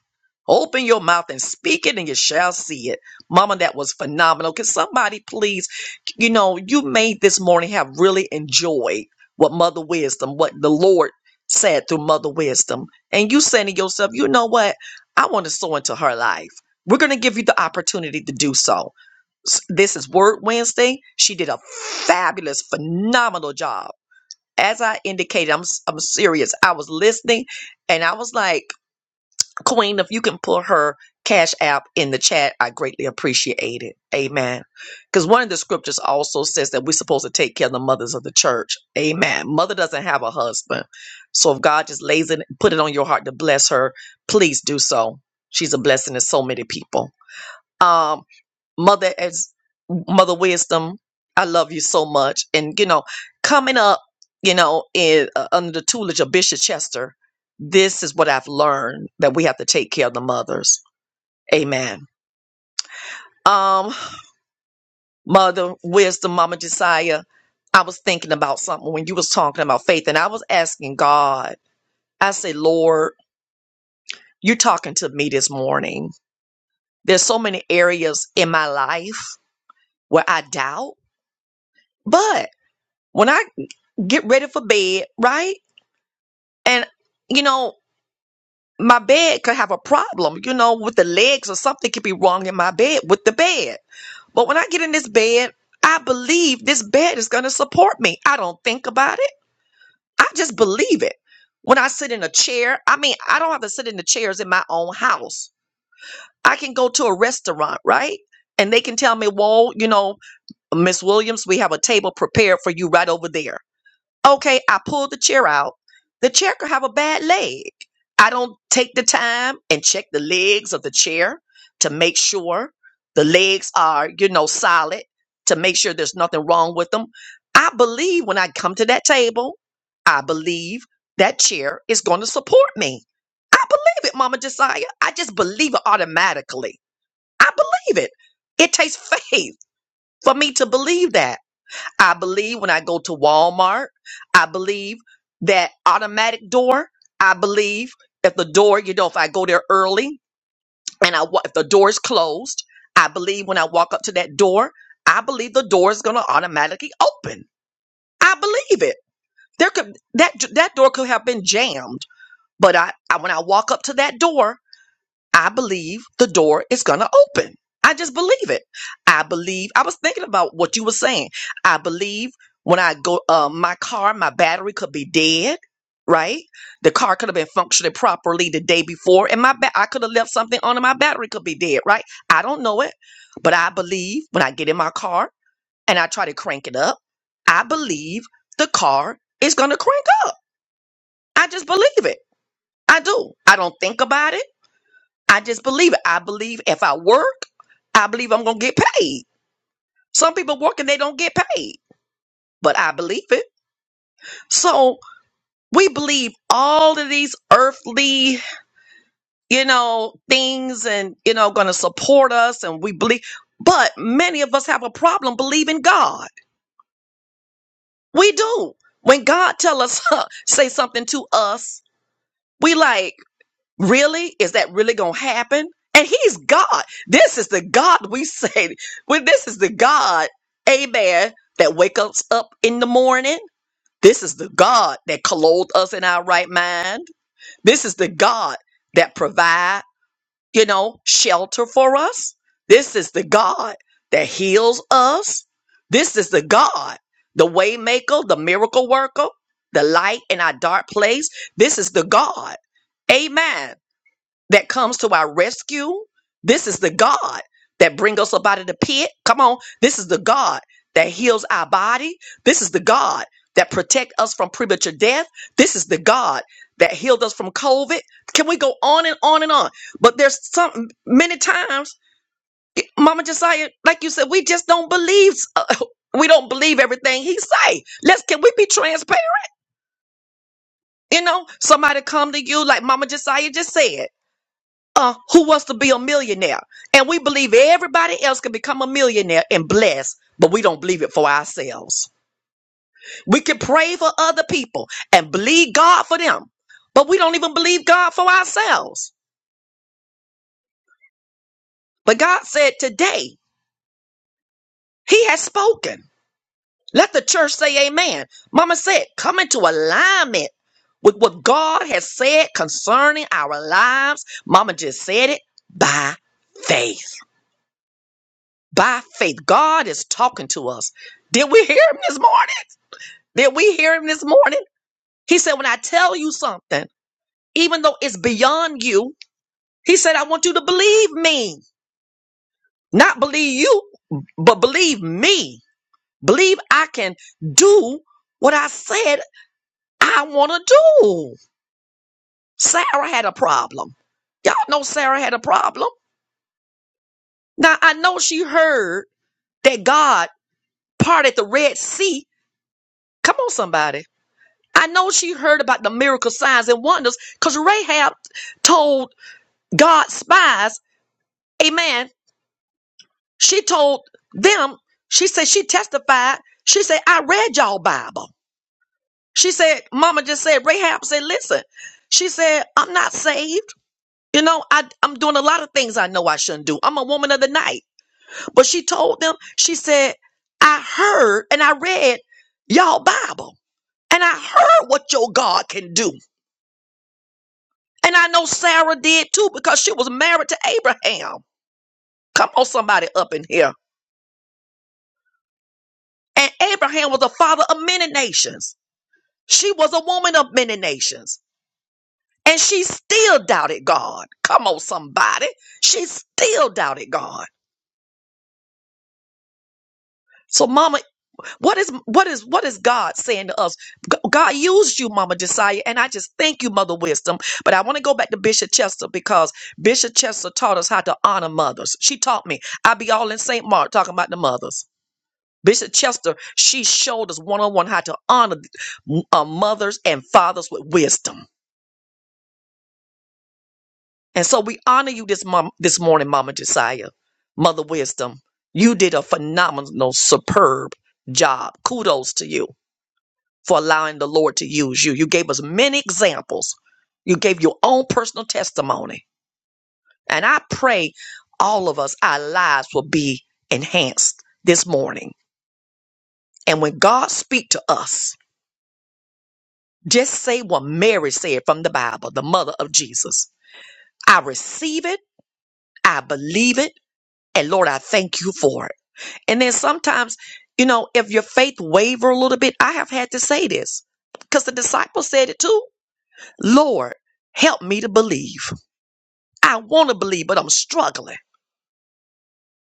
Speaker 1: Open your mouth and speak it, and you shall see it. Mama, that was phenomenal. Can somebody please, you know, you may this morning have really enjoyed what Mother Wisdom, what the Lord said through Mother Wisdom. And you saying to yourself, you know what? I want to sow into her life. We're going to give you the opportunity to do so s- this is Word Wednesday. She did a fabulous, phenomenal job. As I indicated, I'm s- I'm serious. I was listening, and I was like, Queen, if you can put her Cash App in the chat, I greatly appreciate it. Amen. Because one of the scriptures also says that we're supposed to take care of the mothers of the church. Amen. Mother doesn't have a husband, so if God just lays it, put it on your heart to bless her, please do so. She's a blessing to so many people. Um, mother as mother wisdom i love you so much and you know coming up you know in uh, under the tutelage of bishop chester this is what i've learned that we have to take care of the mothers amen um mother wisdom mama josiah i was thinking about something when you was talking about faith and i was asking god i say lord you're talking to me this morning there's so many areas in my life where i doubt but when I get ready for bed, right? And you know, my bed could have a problem, you know, with the legs or something could be wrong in my bed with the bed. But when I get in this bed, I believe this bed is going to support me. I don't think about it. I just believe it. When I sit in a chair, I mean, I don't have to sit in the chairs in my own house. I can go to a restaurant, right? And they can tell me, well, you know, Miss Williams, we have a table prepared for you right over there. Okay, I pull the chair out. The chair could have a bad leg. I don't take the time and check the legs of the chair to make sure the legs are, you know, solid, to make sure there's nothing wrong with them. I believe when I come to that table, I believe that chair is going to support me. I believe it, Mama Josiah. I just believe it automatically. I believe it. It takes faith for me to believe that. I believe when I go to Walmart, I believe that automatic door. I believe if the door, you know, if I go there early and I wa- if the door is closed, I believe when I walk up to that door, I believe the door is going to automatically open. I believe it. There could that that door could have been jammed, but I, I when I walk up to that door. I believe the door is going to open. I just believe it. I believe. I was thinking about what you were saying. I believe when I go, uh, my car, my battery could be dead. Right, the car could have been functioning properly the day before, and my ba- I could have left something on, and my battery could be dead. Right, I don't know it, but I believe when I get in my car and I try to crank it up, I believe the car is going to crank up. I just believe it. I do. I don't think about it. I just believe it. I believe if I work, I believe I'm going to get paid. Some people work and they don't get paid, but I believe it. So we believe all of these earthly, you know, things and, you know, going to support us and we believe, but many of us have a problem believing God. We do. When God tell us, say something to us, we like, Really? Is that really going to happen? And he's God. This is the God we say. Well, this is the God, amen, that wakes us up in the morning. This is the God that clothed us in our right mind. This is the God that provide, you know, shelter for us. This is the God that heals us. This is the God, the way maker, the miracle worker, the light in our dark place. This is the God. Amen that comes to our rescue. This is the God that brings us up out of the pit. Come on. This is the God that heals our body. This is the God that protect us from premature death. This is the God that healed us from COVID. Can we go on and on and on? But there's some many times, Mama Josiah, like you said, we just don't believe. uh, we don't believe everything he say. Let's can we be transparent? You know, somebody come to you like Mama Josiah just said uh, who wants to be a millionaire. And we believe everybody else can become a millionaire and blessed, but we don't believe it for ourselves. We can pray for other people and believe God for them, but we don't even believe God for ourselves. But God said today, He has spoken. Let the church say amen. Mama said, come into alignment with what God has said concerning our lives. Mama just said it by faith. by faith. God is talking to us. Did we hear him this morning? Did we hear him this morning? He said, When I tell you something, even though it's beyond you, he said, I want you to believe me. Not believe you, but believe me. Believe I can do what I said I want to do. Sarah had a problem. Y'all know Sarah had a problem. Now, I know she heard that God parted the Red Sea. Come on, somebody. I know she heard about the miracle signs and wonders because Rahab told God's spies, amen. She told them, she said, she testified. She said, I read y'all Bible. She said, Mama just said, Rahab said, listen, she said, I'm not saved. You know, I, I'm doing a lot of things I know I shouldn't do. I'm a woman of the night. But she told them, she said, I heard and I read y'all Bible and I heard what your God can do. And I know Sarah did too because she was married to Abraham. Come on, somebody up in here. And Abraham was a father of many nations. She was a woman of many nations. And she still doubted God. Come on, somebody. She still doubted God. So, Mama, what is what is what is God saying to us? G- God used you, Mama Josiah, and I just thank you, Mother Wisdom. But I want to go back to Bishop Chester because Bishop Chester taught us how to honor mothers. She taught me. I be all in St. Mark talking about the mothers. Bishop Chester, she showed us one on one how to honor uh, mothers and fathers with wisdom. And so we honor you this mom this morning, Mama Josiah, Mother Wisdom. You did a phenomenal, superb job. Kudos to you for allowing the Lord to use you. You gave us many examples. You gave your own personal testimony. And I pray all of us, our lives will be enhanced this morning. And when God speaks to us, Just say what Mary said from the Bible, the mother of Jesus. I receive it, I believe it, and Lord, I thank you for it. And then sometimes, you know, if your faith waver a little bit, I have had to say this because the disciples said it too. Lord, help me to believe. I want to believe, but I'm struggling.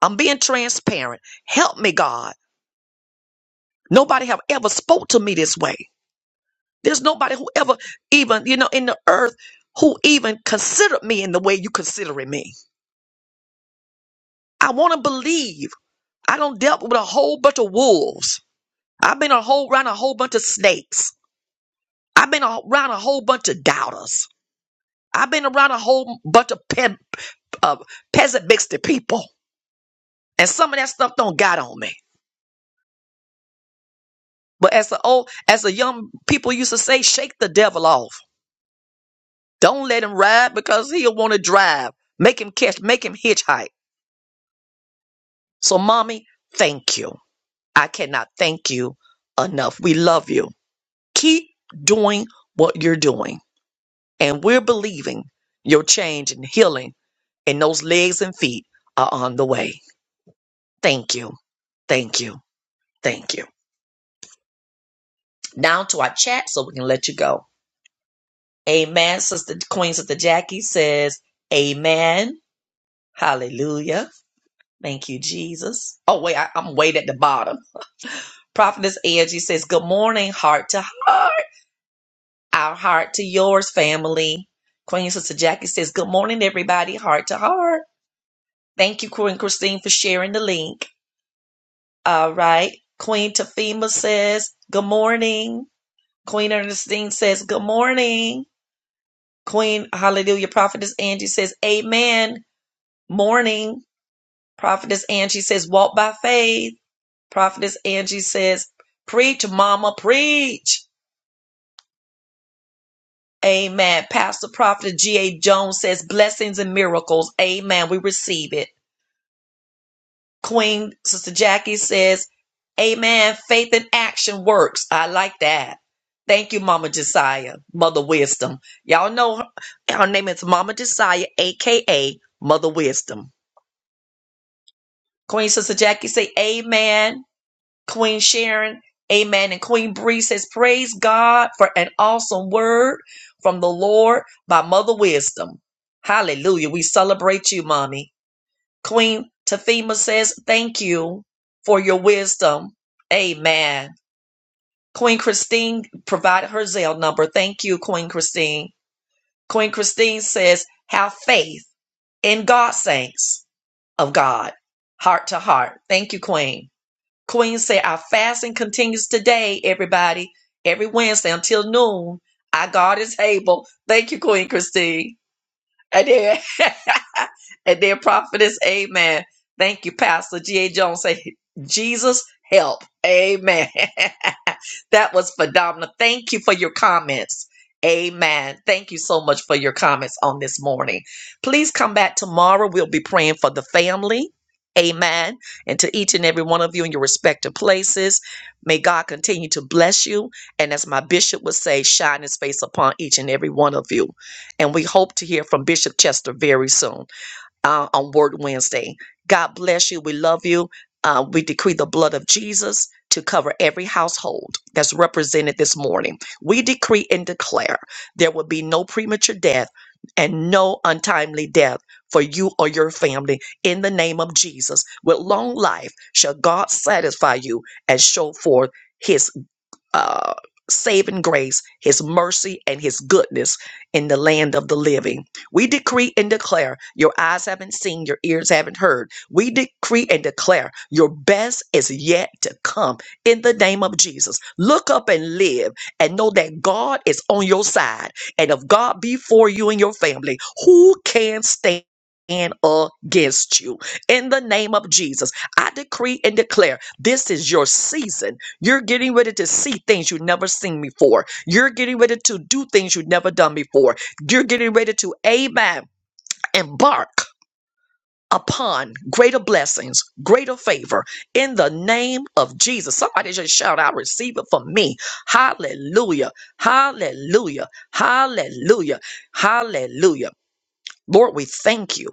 Speaker 1: I'm being transparent. Help me, God. Nobody have ever spoke to me this way. There's nobody who ever even, you know, in the earth who even considered me in the way you considering me. I want to believe. I don't dealt with a whole bunch of wolves. I've been a whole around a whole bunch of snakes. I've been around a whole bunch of doubters. I've been around a whole bunch of pe- uh, pessimistic people, and some of that stuff don't got on me. But as the old, as the young people used to say, shake the devil off. Don't let him ride because he'll want to drive. Make him catch. Make him hitchhike. So, mommy, thank you. I cannot thank you enough. We love you. Keep doing what you're doing. And we're believing your change and healing in those legs and feet are on the way. Thank you. Thank you. Thank you. Now to our chat so we can let you go. Amen. Sister Queen Sister Jackie says, Amen. Hallelujah. Thank you, Jesus. Oh, wait, I, I'm way at the bottom. Prophetess Angie says, Good morning, heart to heart. Our heart to yours, family. Queen Sister Jackie says, Good morning, everybody, heart to heart. Thank you, Queen Christine, for sharing the link. All right. Queen Tafima says, Good morning. Queen Ernestine says, Good morning. Queen Hallelujah Prophetess Angie says, Amen. Morning. Prophetess Angie says, Walk by faith. Prophetess Angie says, Preach, Mama, preach. Amen. Pastor Prophet G.A. Jones says, Blessings and miracles. Amen. We receive it. Queen Sister Jackie says, Amen. Faith in action works. I like that. Thank you, Mama Josiah, Mother Wisdom. Y'all know her, her name is Mama Josiah, aka Mother Wisdom. Queen Sister Jackie say Amen. Queen Sharon, Amen. And Queen Bree says, Praise God for an awesome word from the Lord by Mother Wisdom. Hallelujah. We celebrate you, Mommy. Queen Tafima says, Thank you for your wisdom. Amen. Queen Christine provided her Zelle number. Thank you, Queen Christine. Queen Christine says, Have faith in God, saints of God, heart to heart. Thank you, Queen. Queen said, Our fasting continues today, everybody, every Wednesday until noon. Our God is able. Thank you, Queen Christine. And then, and then prophetess, amen. Thank you, Pastor G.A. Jones. Say, Jesus, help. Amen. that was phenomenal. Thank you for your comments. Amen. Thank you so much for your comments on this morning. Please come back tomorrow. We'll be praying for the family. Amen. And to each and every one of you in your respective places, may God continue to bless you. And as my bishop would say, shine his face upon each and every one of you. And we hope to hear from Bishop Chester very soon uh, on Word Wednesday. God bless you. We love you. Uh, we decree the blood of Jesus to cover every household that's represented this morning. We decree and declare there will be no premature death and no untimely death for you or your family in the name of Jesus. With long life shall God satisfy you and show forth. His uh, saving grace, his mercy, and his goodness in the land of the living. We decree and declare your eyes haven't seen, your ears haven't heard. We decree and declare your best is yet to come in the name of Jesus. Look up and live and know that God is on your side. And if God be for you and your family, who can stand? against you in the name of Jesus. I decree and declare this is your season you're getting ready to see things you've never seen before. You're getting ready to do things you've never done before. You're getting ready to, amen, embark upon greater blessings, greater favor in the name of Jesus. Somebody just shout out, receive it from me. Hallelujah. Hallelujah. Hallelujah. Hallelujah. Lord, we thank you.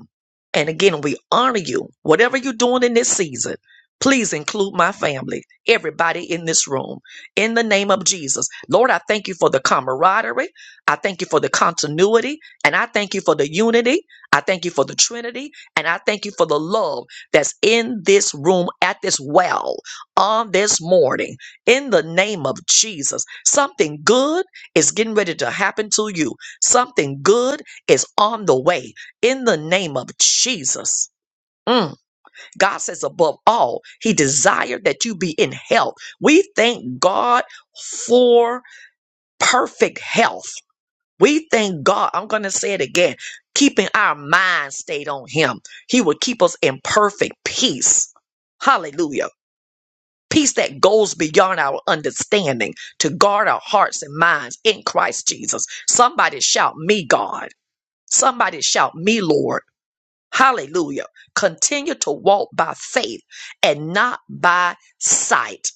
Speaker 1: And again, we honor you. Whatever you're doing in this season, please include my family, everybody in this room, in the name of Jesus. Lord, I thank you for the camaraderie. I thank you for the continuity. And I thank you for the unity. I thank you for the Trinity. And I thank you for the love that's in this room at this well on this morning. In the name of Jesus, something good is getting ready to happen to you. Something good is on the way in the name of Jesus. Mm. God says, above all, He desired that you be in health. We thank God for perfect health. We thank God. I'm going to say it again keeping our mind stayed on Him. He will keep us in perfect peace. Hallelujah. Peace that goes beyond our understanding to guard our hearts and minds in Christ Jesus. Somebody shout, Me, God. Somebody shout, Me, Lord. Hallelujah. Continue to walk by faith and not by sight.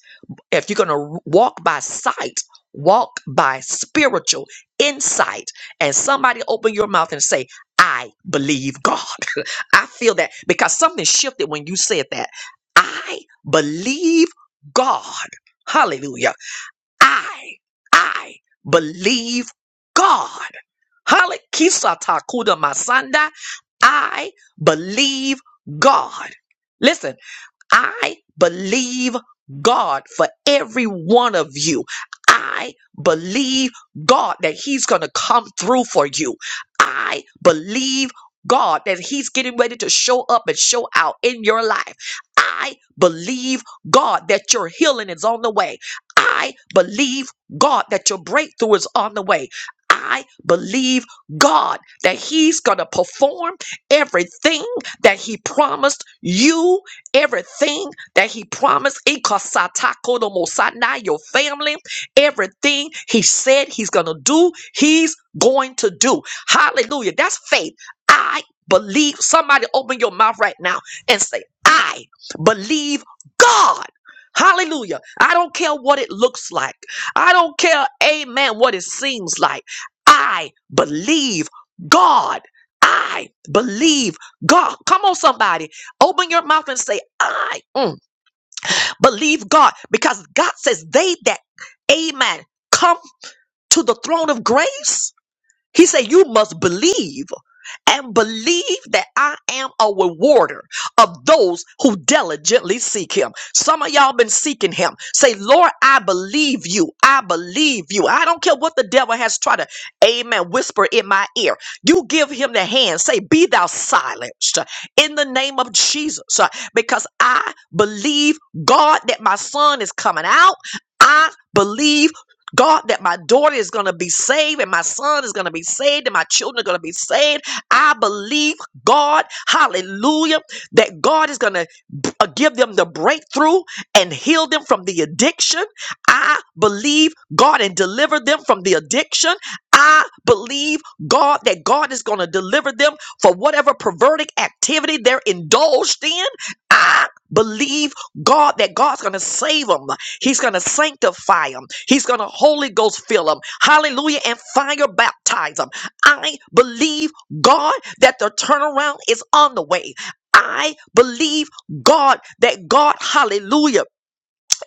Speaker 1: If you're going to walk by sight, walk by spiritual insight. And somebody open your mouth and say, I believe God. I feel that because something shifted when you said that. I believe God. Hallelujah. I, I believe God. Hale- Kisa Takuda Masanda. I believe God. Listen, I believe God for every one of you. I believe God that He's going to come through for you. I believe God that He's getting ready to show up and show out in your life. I believe God that your healing is on the way. I believe God that your breakthrough is on the way. I believe God that He's going to perform everything that He promised you Everything that he promised, Ikasatakodomosana, your family, everything he said he's going to do, he's going to do. Hallelujah. That's faith. I believe. Somebody open your mouth right now and say, I believe God. Hallelujah. I don't care what it looks like. I don't care, amen, what it seems like. I believe God. I believe God. Come on, somebody. Open your mouth and say, I mm, believe God. Because God says, they that, amen, come to the throne of grace he said, You must believe and believe that I am a rewarder of those who diligently seek him. Some of y'all been seeking him. Say, Lord, I believe you. I believe you. I don't care what the devil has tried to, amen, whisper in my ear. You give him the hand. Say, Be thou silenced in the name of Jesus uh, because I believe, God, that my son is coming out. I believe God, that my daughter is going to be saved and my son is going to be saved and my children are going to be saved. I believe, God, hallelujah, that God is going to uh, give them the breakthrough and heal them from the addiction. I believe God and deliver them from the addiction. I believe God that God is going to deliver them for whatever perverted activity they're indulged in. I believe God that God's going to save them. He's going to sanctify them. He's going to Holy Ghost fill them. Hallelujah. And fire baptize them. I believe God that the turnaround is on the way. I believe God, that God, hallelujah,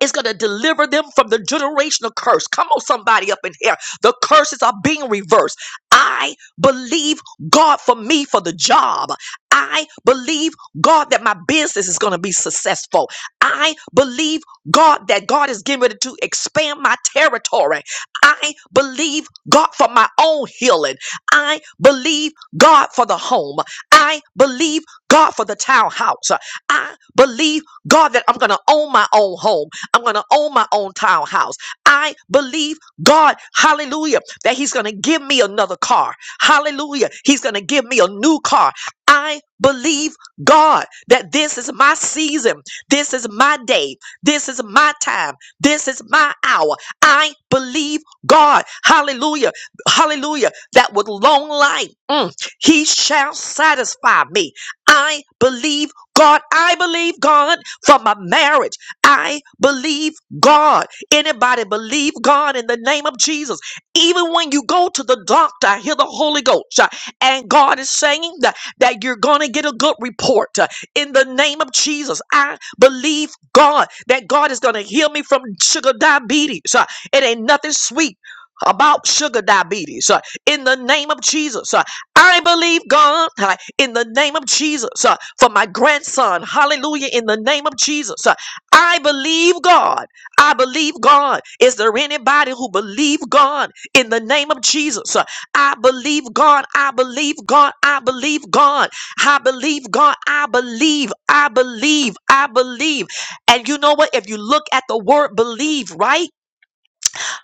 Speaker 1: is going to deliver them from the generational curse. Come on, somebody up in here. The curses are being reversed. I believe God for me for the job. I believe God that my business is going to be successful. I believe God that God is getting ready to expand my territory. I believe God for my own healing. I believe God for the home. I believe God for the townhouse. I believe God that I'm going to own my own home. I'm going to own my own townhouse. I believe God, hallelujah, that He's going to give me another car. Hallelujah. He's going to give me a new car. I believe God that this is my season. This is my day. This is my time. This is my hour. I believe God. Hallelujah. Hallelujah. That with long life, mm, He shall satisfy me. I believe God. I believe God for my marriage. I believe God. Anybody believe God in the name of Jesus? Even when you go to the doctor, I hear the Holy Ghost, uh, and God is saying that, that you're going to get a good report uh, in the name of Jesus. I believe God that God is going to heal me from sugar diabetes. uh, It ain't nothing sweet. About sugar diabetes uh, in the name of Jesus. uh, I believe God uh, in the name of Jesus uh, for my grandson. Hallelujah in the name of Jesus. uh, I believe God. I believe God. Is there anybody who believe God in the name of Jesus? Uh, I believe God. I believe God. I believe God. I believe God. I believe. I believe. I believe. And you know what? If you look at the word believe, right?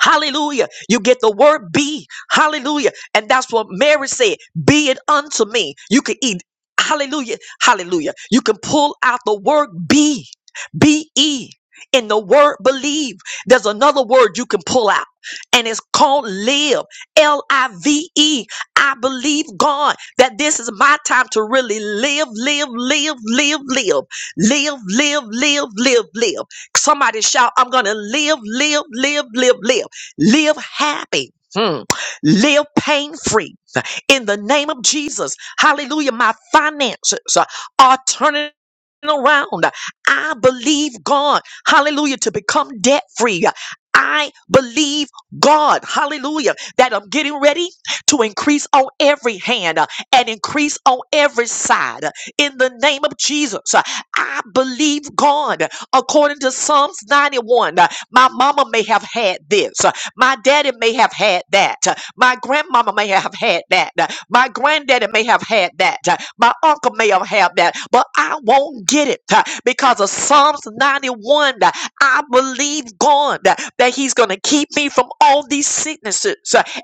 Speaker 1: Hallelujah. You get the word be. Hallelujah. And that's what Mary said. Be it unto me. You can eat. Hallelujah. Hallelujah. You can pull out the word be. B E. In the word believe, there's another word you can pull out, and it's called live. L I V E. I believe God that this is my time to really live, live, live, live, live, live, live, live, live, live. Somebody shout, I'm going to live, live, live, live, live. Live happy. Hmm. Live pain free in the name of Jesus. Hallelujah. My finances are turning around. I believe God. Hallelujah. To become debt free. I believe God, hallelujah, that I'm getting ready to increase on every hand uh, and increase on every side uh, in the name of Jesus. Uh, I believe God, according to Psalms 91. uh, My mama may have had this. My daddy may have had that. My grandmama may have had that. My granddaddy may have had that. My uncle may have had that. But I won't get it because of Psalms 91. I believe God that He's going to keep me from all these sicknesses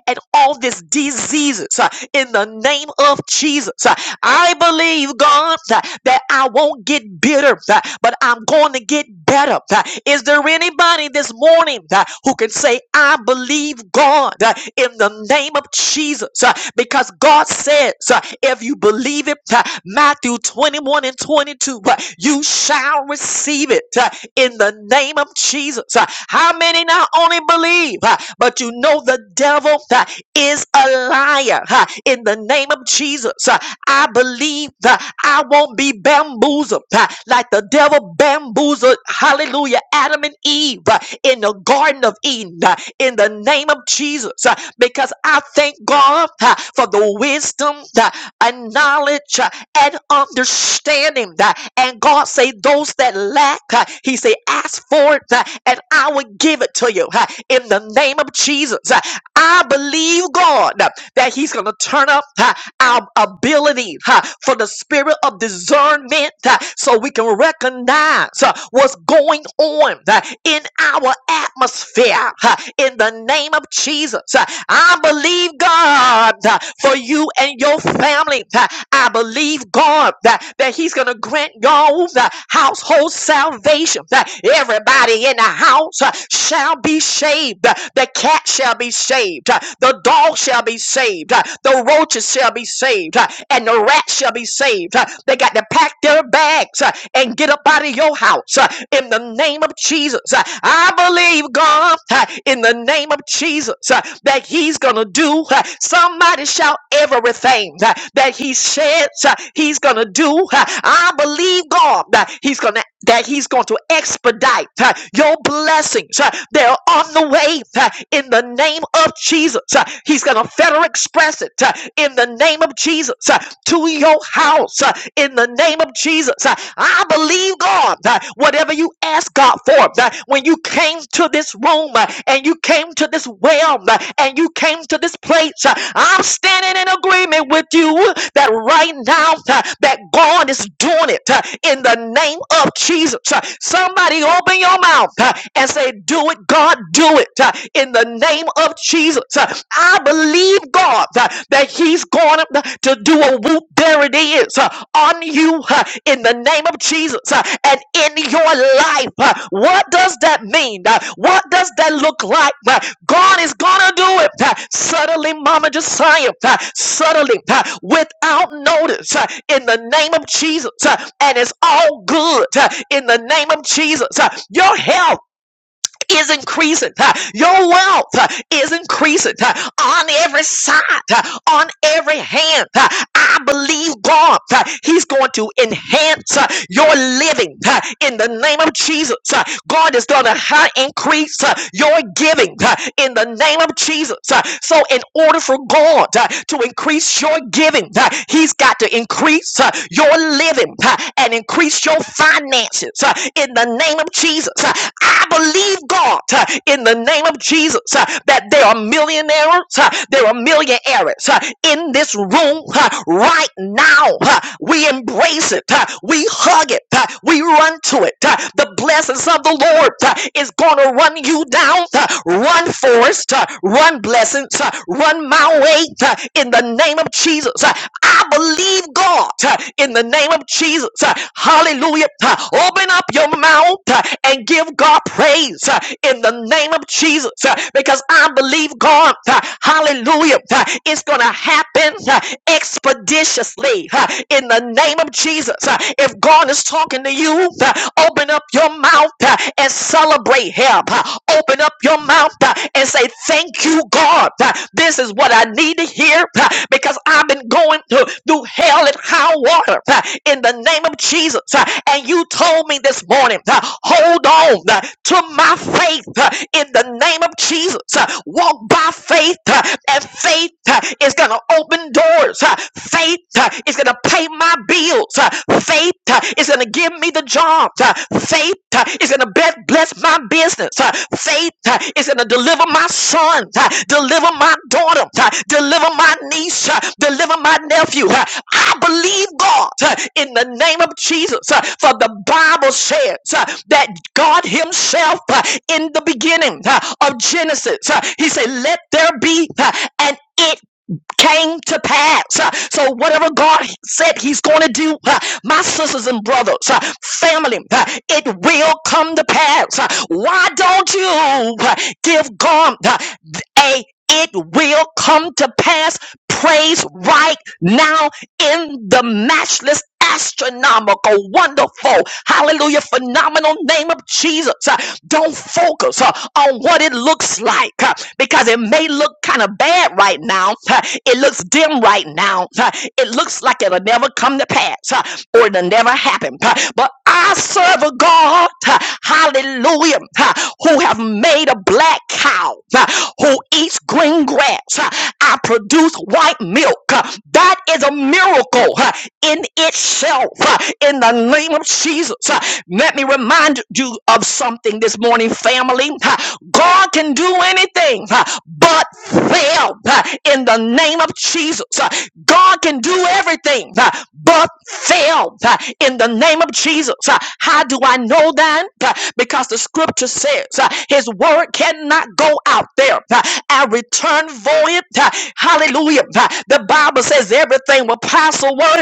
Speaker 1: and all these diseases in the name of Jesus. I believe, God, that I won't get bitter, but I'm going to get better. Is there anybody this morning? morning uh, who can say, I believe God uh, in the name of Jesus. uh, Because God says, uh, if you believe it, uh, Matthew 21 and 22, uh, you shall receive it uh, in the name of Jesus. Uh, How many not only believe, uh, but you know the devil uh, is a liar uh, in the name of Jesus. Uh, I believe that I won't be bamboozled uh, like the devil bamboozled, hallelujah, Adam and Eve uh, in the Garden of Eden uh, in the name of Jesus. uh, Because I thank God uh, for the wisdom uh, and knowledge uh, and understanding. uh, And God say, those that lack, uh, he say, ask for it uh, and I will give it to you uh, in the name of Jesus. Uh, I believe God uh, that he's going to turn up uh, our ability uh, for the spirit of discernment uh, so we can recognize deliverance uh, was going on uh, in our atmosphere uh, in the name of Jesus. Uh, I believe God uh, for you and your family. Uh, I believe God that, that He's going to grant y'all the household salvation. That everybody in the house uh, shall be saved. Uh, The cat shall be saved. Uh, The dog shall be saved. Uh, The roaches shall be saved. Uh, And the rat shall be saved. Uh, They got to pack their bag legs uh, and get up out of your house uh, in the name of Jesus. Uh, I believe God uh, in the name of Jesus uh, that He's gonna do. uh, Somebody shout everything uh, that He says uh, He's gonna do. Uh, I believe God that He's gonna that He's going to expedite uh, your blessings. uh, They're on the way uh, in the name of Jesus. Uh, He's gonna federal express it uh, in the name of Jesus uh, to your house. Uh, in the name of Jesus. Uh, I believe God. uh, Whatever you ask God for, uh, when you came to this room uh, and you came to this well and you came to this place, uh, I'm standing in agreement with you that right now uh, that God is doing it uh, in the name of Jesus. Uh, Somebody open your mouth uh, and say, "Do it, God, do it uh, in the name of Jesus." Uh, I believe believe God uh, that He's going to do a whoop. There it is uh, on you uh, in the name of Jesus uh, and in your life. uh, What does that mean? Uh, What does that look like? Uh, God is going to do it uh, suddenly, Mama Josiah, uh, suddenly, uh, without notice, uh, in the name of Jesus. uh, And it's all good uh, in the name of Jesus. uh, Your health is increasing. huh? Your wealth huh, is increasing huh, on every side, huh, on every hand. huh. I believe God, huh, He's going to enhance huh, your living huh, in the name of Jesus. huh. God is going to increase huh, your giving huh, in the name of Jesus. huh. So, in order for God huh, to increase your giving, huh, He's got to increase huh, your living. uh, uh, and increase your finances uh, in the name of Jesus. Uh, I believe God uh, in the name of Jesus uh, that there are millionaires, uh, there are millionaires uh, in this room uh, right now. uh, We embrace it, uh, we hug it, uh, we run to it. uh, The blessings of the Lord uh, is going to run you down. uh, Run, forest, uh, run, blessings, uh, run my way gate uh, in the name of Jesus. Uh, I believe God uh, in the name of Jesus. Uh, Hallelujah. Uh, Open up your mouth uh, and give God praise uh, in the name of Jesus uh, because I believe God. uh, Hallelujah. Uh, It's going to happen uh, expeditiously uh, in the name of Jesus. Uh, If God is talking to you, uh, open up your mouth uh, and celebrate him up. Open up your mouth uh, and say, Thank you, God. This is what I need to hear uh, because I've been going through hell and high water uh, in the name of Jesus. Uh, And you told me this morning, uh, hold on uh, to my faith uh, in the name of Jesus. Uh, Walk by faith, uh, and faith uh, is going to open doors. Uh, Faith uh, is going to pay my bills. Uh, Faith uh, is going to give me the job. Uh, Faith uh, is going to bless my business. Uh, Faith uh, is going to deliver my son, uh, deliver my daughter, uh, deliver my niece, uh, deliver my nephew. Uh, I believe God uh, in the name of Jesus. uh, For the Bible says uh, that God Himself uh, in the beginning uh, of Genesis, uh, He said, Let there be, uh, and it came to pass. Uh, So whatever God said he's going to do, uh, my sisters and brothers, uh, family, uh, it will come to pass. Uh, Why don't you uh, give God uh, a it will come to pass praise right now in the matchless astronomical, wonderful, hallelujah, phenomenal name of Jesus. Uh, Don't focus uh, on what it looks like uh, because it may look kind of bad right now. Uh, It looks dim right now. Uh, It looks like it'll never come to pass uh, or it'll never happen. Uh, But I serve a God, hallelujah, who have made a black cow who eats green grass. I produce white milk. That is a miracle in itself. In the name of Jesus. Let me remind you of something this morning, family. God can do anything but fail in the name of Jesus. God can do everything uh, but fail uh, in the name of Jesus. Uh, How do I know that? Uh, Because the scripture says uh, his word cannot go out there uh, and return void. Uh, Hallelujah. Uh, The Bible says everything will pass away,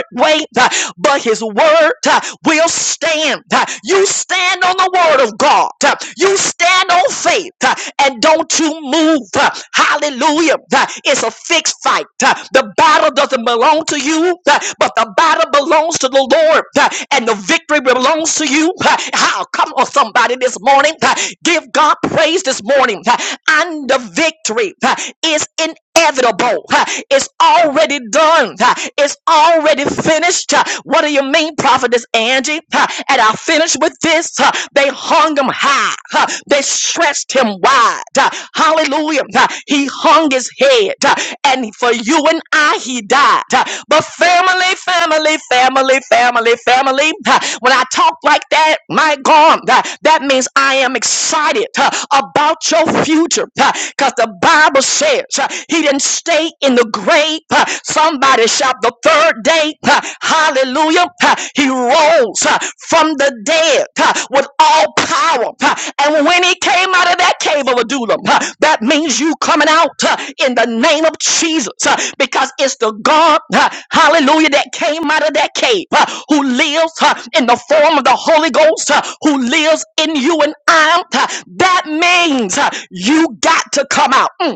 Speaker 1: uh, but his word uh, will stand. Uh, You stand on the word of God. Uh, You stand on faith uh, and don't you you move. uh, Hallelujah. Uh, It's a fixed fight. Uh, The battle doesn't belong to you, uh, but the battle belongs to the Lord, uh, and the victory belongs to you. Uh, How come on somebody this morning? uh, Give God praise this morning. uh, And the victory uh, is in inevitable. huh? It's already done. huh? It's already finished. huh? What do you mean, prophetess Angie? huh? And I finish with this. huh? They hung him high. huh? They stretched him wide. huh? Hallelujah. huh? He hung his head. huh? And for you and I, he died. huh? But family, family, family, family, family. huh? When I talk like that, my God, huh, that means I am excited huh, about your future. Because the Bible says declares uh, he didn't stay in the grave. Uh, Somebody shout the third day. uh, Hallelujah. Uh, He rose uh, from the dead uh, with all power. uh, And when he came out of that cave of Adullam, uh, that means you coming out uh, in the name of Jesus uh, because it's the God, uh, hallelujah, that came out of that cave uh, who lives uh, in the form of the Holy Ghost uh, who lives in you and I. uh, That means uh, you got to come out. Mm.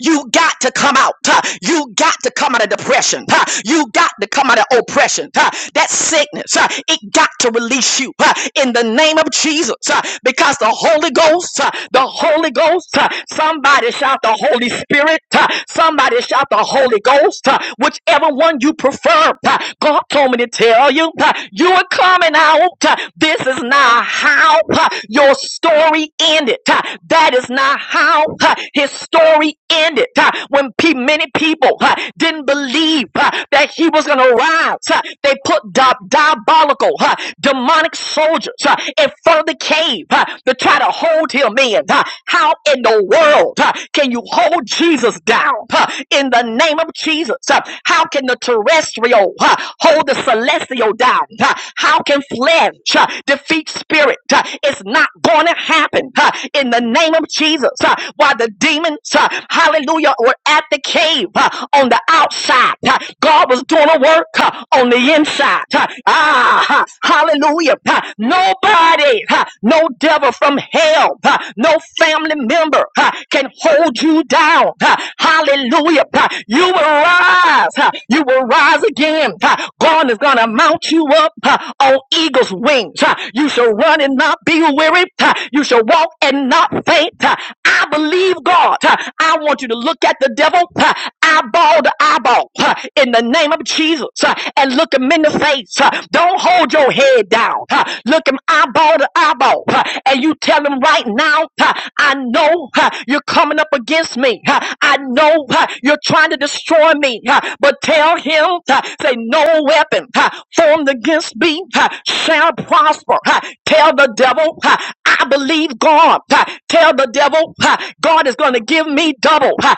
Speaker 1: You got to come out. huh? You got to come out of depression. huh? You got to come out of oppression. huh? That sickness, huh, it got to release you huh, in the name of Jesus huh, because the Holy Ghost, huh, the Holy Ghost, huh, somebody shout the Holy Spirit, huh, somebody shout the Holy Ghost, huh, whichever one you prefer. huh, God told me to tell you, huh, you are coming out. huh, This is now how huh, your story ended. huh, huh, that is not how huh, his story ended. huh. When pe- many people huh, didn't believe huh, that he was going to rise, huh, they put di- diabolical, huh, demonic soldiers huh, in front of the cave huh, to try to hold him in. huh. How in the world huh, can you hold Jesus down huh, in the name of Jesus? huh? How can the terrestrial huh, hold the celestial down? huh? How can flesh huh, defeat? spirit. uh, It's not going to happen uh, in the name of Jesus. uh, While the demons, uh, hallelujah, were at the cave uh, on the outside, uh, God was doing a work uh, on the inside. uh, Ah, uh, hallelujah. uh, Nobody, uh, no devil from hell, uh, no family member uh, can hold you down. uh, Hallelujah. uh, You will rise. uh, You will rise again. uh, God is going to mount built you up uh, on eagle's wings. Uh, You shall run and not be weary. Uh, You shall walk and not faint. Uh, I believe God. Uh, I want you to look at the devil uh, eyeball to eyeball uh, in the name of Jesus uh, and look him in the face. Uh, Don't hold your head down. Uh, Look him eyeball to eyeball uh, and you tell him right now, uh, I know uh, you're coming up against me. Uh, I know uh, you're trying to destroy me, uh, but tell him, uh, say, no weapon uh, formed against me uh, shall prosper. Uh, Tell the devil, uh, I believe God. Uh, Tell the devil, uh, God is going to give me double. Uh,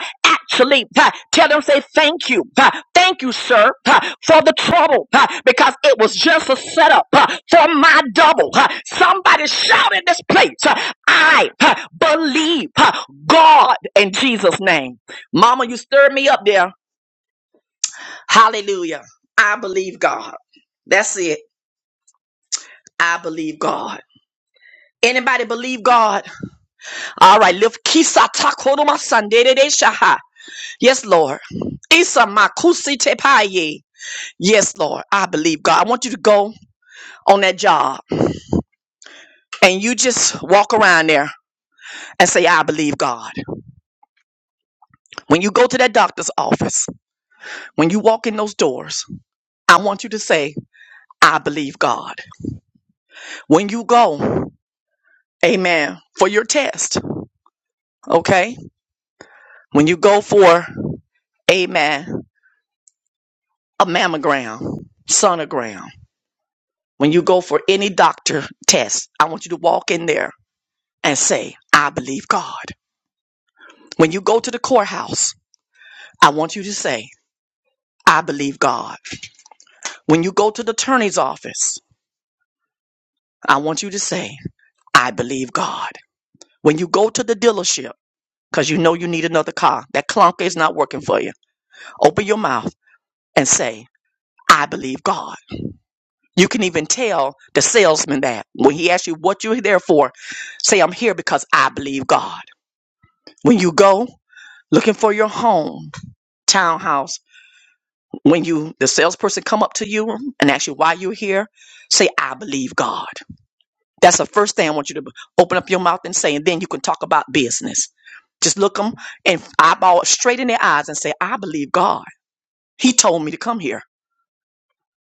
Speaker 1: Actually, uh, tell him, say, thank you. Uh, Thank you, sir, uh, for the trouble uh, because it was just a setup uh, for my double. Uh, Somebody shout in this place. uh, I uh, believe uh, God in Jesus' name. Mama, you stirred me up there. Hallelujah. I believe God. That's it. I believe God. Anybody believe God? All right, lift kisa takoroma sandere shaha. Yes, Lord. Isa makusi tepaye. Yes, Lord. I believe God. I want you to go on that job and you just walk around there and say, I believe God. When you go to that doctor's office, when you walk in those doors, I want you to say, I believe God. When you go, amen, for your test, okay? When you go for, amen, a mammogram, sonogram, when you go for any doctor test, I want you to walk in there and say, I believe God. When you go to the courthouse, I want you to say, I believe God. When you go to the attorney's office, I want you to say, I believe God. When you go to the dealership, because you know you need another car, that clunker is not working for you, open your mouth and say, I believe God. You can even tell the salesman that when he asks you what you're there for, say, I'm here because I believe God. When you go looking for your home, townhouse, when you the salesperson come up to you and ask you why you're here, say, I believe God. That's the first thing I want you to b- open up your mouth and say, and then you can talk about business. Just look them and eyeball straight in their eyes and say, I believe God. He told me to come here.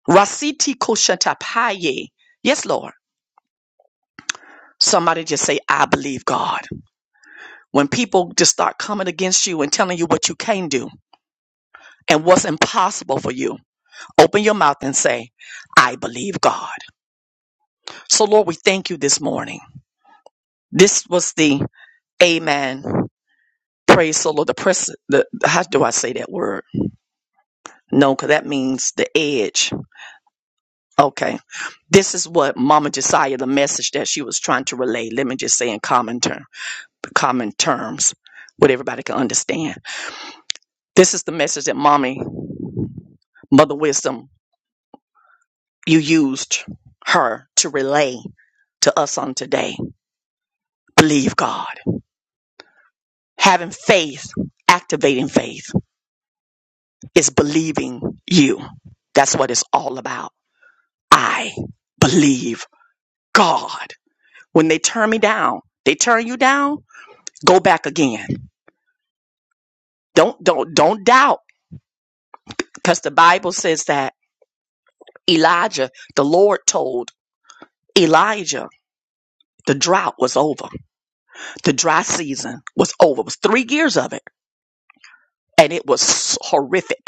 Speaker 1: Rasiti koshatapaye. Yes, Lord. Somebody just say, I believe God. when people just start coming against you and telling you what you can do and what's impossible for you, open your mouth and say, I believe God. So, Lord, we thank you this morning. This was the Amen. Praise the Lord. The press, the, how do I say that word? No, because that means the edge. Okay. This is what Mama Josiah, the message that she was trying to relay. Let me just say in common term, common terms, what everybody can understand. This is the message that Mommy, Mother Wisdom, you used her to relay to us on today. Believe God. Having faith, activating faith, is believing you. That's what it's all about. I believe God. When they turn me down, they turn you down, go back again. Don't don't don't doubt because the Bible says that Elijah, the Lord told Elijah the drought was over. The dry season was over. It was three years of it and it was horrific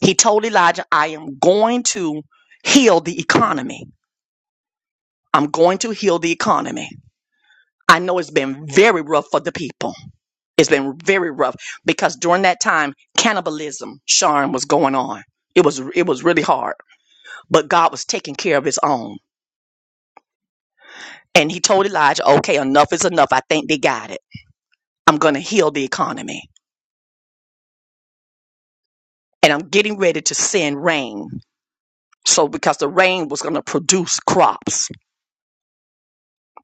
Speaker 1: He told Elijah, I am going to heal the economy. I'm going to heal the economy. I know it's been very rough for the people. It's been very rough because during that time, cannibalism, Sharon, was going on. It was it was really hard, but God was taking care of His own, and He told Elijah, "Okay, enough is enough. I think they got it. I'm going to heal the economy, and I'm getting ready to send rain. So because the rain was going to produce crops,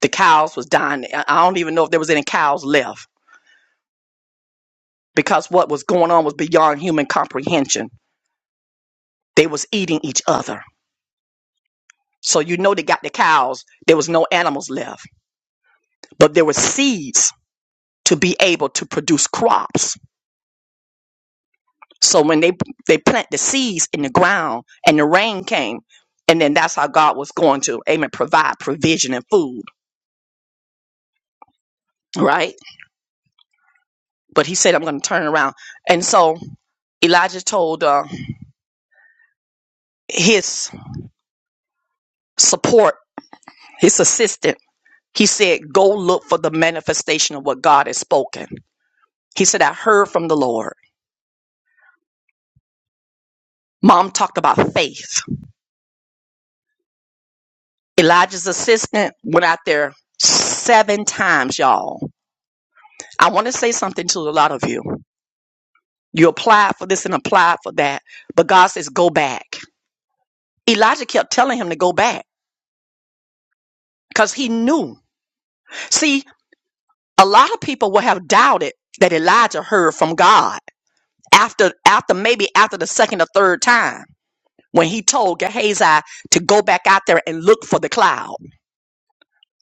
Speaker 1: the cows was dying. I I don't even know if there was any cows left because what was going on was beyond human comprehension. They was eating each other. So you know they got the cows. There was no animals left, but there were seeds to be able to produce crops. So when they they plant the seeds in the ground and the rain came, and then that's how God was going to amen provide provision and food, right? But He said, "I'm going to turn around." And so Elijah told uh, his support, his assistant, he said, "Go look for the manifestation of what God has spoken." He said, I heard from the Lord. Mom talked about faith. Elijah's assistant went out there seven times, y'all. I want to say something to a lot of you. You apply for this and apply for that, but God says, go back. Elijah kept telling him to go back because he knew. See, a lot of people will have doubted that Elijah heard from God after, after maybe after the second or third time when he told Gehazi to go back out there and look for the cloud.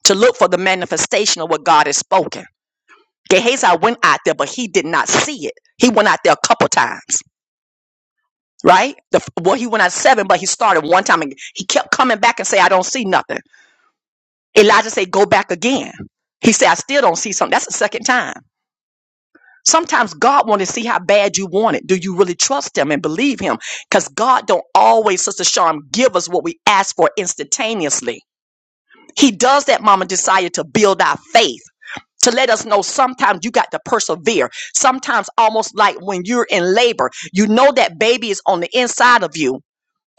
Speaker 1: to look for the manifestation of what God has spoken. Gehazi went out there, but he did not see it. He went out there a couple times, right? The, well, he went out seven, but he started one time and he kept coming back and say, I don't see nothing. Elijah said, go back again. He said, I still don't see something. That's the second time. Sometimes God wants to see how bad you want it. Do you really trust him and believe him? Because God don't always, Sister Sharm, give us what we ask for instantaneously. He does that, Mama Desire, to build our faith to let us know sometimes you got to persevere. Sometimes, almost like when you're in labor, you know that baby is on the inside of you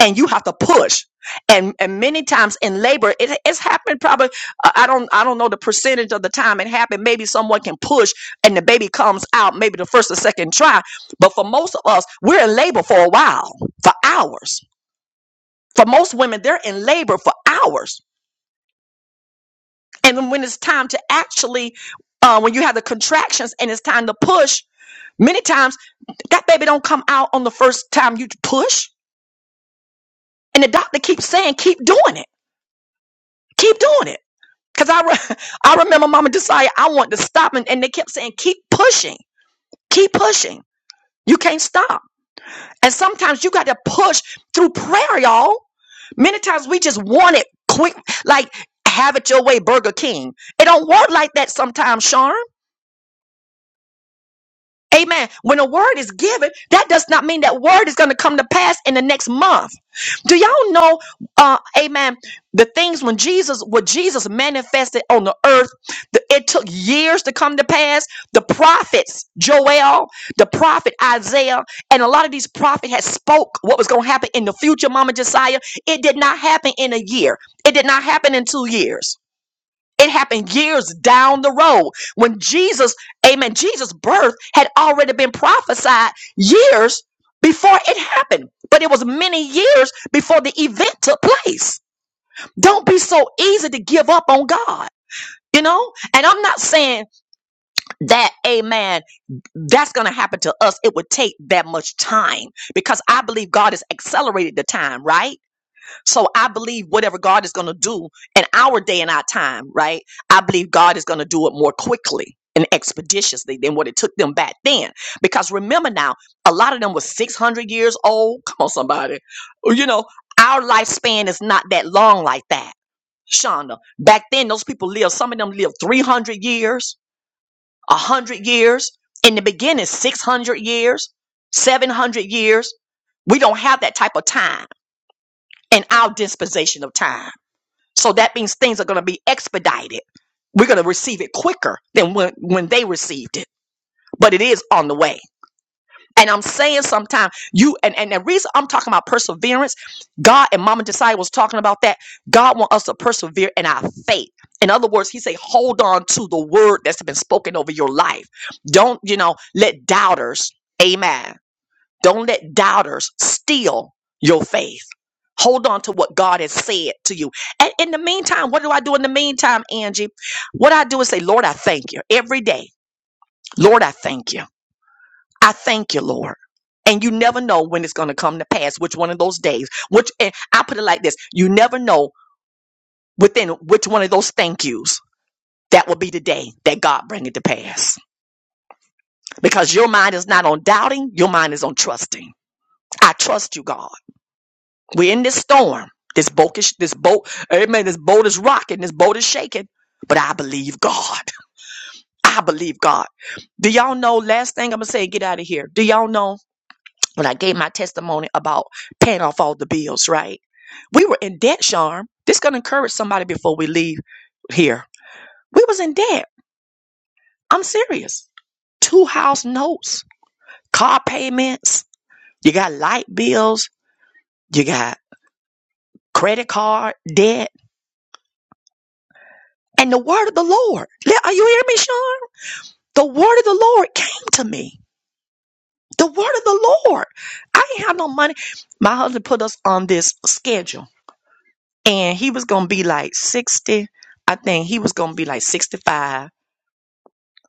Speaker 1: and you have to push. And, and many times in labor, it, it's happened probably, uh, I don't, I don't know the percentage of the time it happened. Maybe someone can push and the baby comes out, maybe the first or second try. But for most of us, we're in labor for a while, for hours. For most women, they're in labor for hours And then when it's time to actually, uh, when you have the contractions and it's time to push, many times that baby don't come out on the first time you push. And the doctor keeps saying, keep doing it, keep doing it. Cause I, re- I remember mama decided I wanted to stop and, and they kept saying, keep pushing, keep pushing. You can't stop. And sometimes you got to push through prayer, y'all. Many times we just want it quick, like have it your way, Burger King. It don't work like that sometimes, Sean. Amen. When a word is given, that does not mean that word is going to come to pass in the next month. Do y'all know, uh, amen, the things when Jesus, what Jesus manifested on the earth, the, it took years to come to pass. The prophets, Joel, the prophet Isaiah, and a lot of these prophets had spoke what was going to happen in the future, Mama Josiah. It did not happen in a year. It did not happen in two years. It happened years down the road when Jesus, amen, Jesus' birth had already been prophesied years before it happened, but it was many years before the event took place. Don't be so easy to give up on God. You know, and I'm not saying that, amen, that's going to happen to us. It would take that much time because I believe God has accelerated the time, right? So I believe whatever God is going to do in our day and our time, right? I believe God is going to do it more quickly and expeditiously than what it took them back then. Because remember now, a lot of them were 600 years old. Come on, somebody. You know, our lifespan is not that long like that, Shonda. Back then, those people lived, some of them lived 300 years, 100 years. In the beginning, 600 years, 700 years. We don't have that type of time in our dispensation of time. So that means things are going to be expedited. We're going to receive it quicker than when, when they received it, but it is on the way. And I'm saying sometimes you and, and the reason I'm talking about perseverance, God and Mama Desai was talking about that. God want us to persevere in our faith. In other words, he say, hold on to the word that's been spoken over your life. Don't, you know, let doubters, amen don't let doubters steal your faith. Hold on to what God has said to you. And in the meantime, what do I do in the meantime, Angie? What I do is say, Lord, I thank you every day. Lord, I thank you. I thank you, Lord. And you never know when it's going to come to pass, which one of those days, which, and I put it like this you never know within which one of those thank yous that will be the day that God bring it to pass. Because your mind is not on doubting, your mind is on trusting. I trust you, God. We're in this storm. This boat is this boat, amen. This boat is rocking, this boat is shaking. But I believe God. I believe God. Do y'all know? Last thing I'm gonna say, get out of here. Do y'all know when I gave my testimony about paying off all the bills, right? We were in debt, Sharm. This gonna encourage somebody before we leave here. We was in debt. I'm serious. Two house notes, car payments, you got light bills, you got credit card debt And the word of the Lord, are you hearing me, Sean? The word of the Lord came to me. The word of the Lord. I ain't have no money. My husband put us on this schedule, and he was gonna be like 60. I think he was gonna be like 65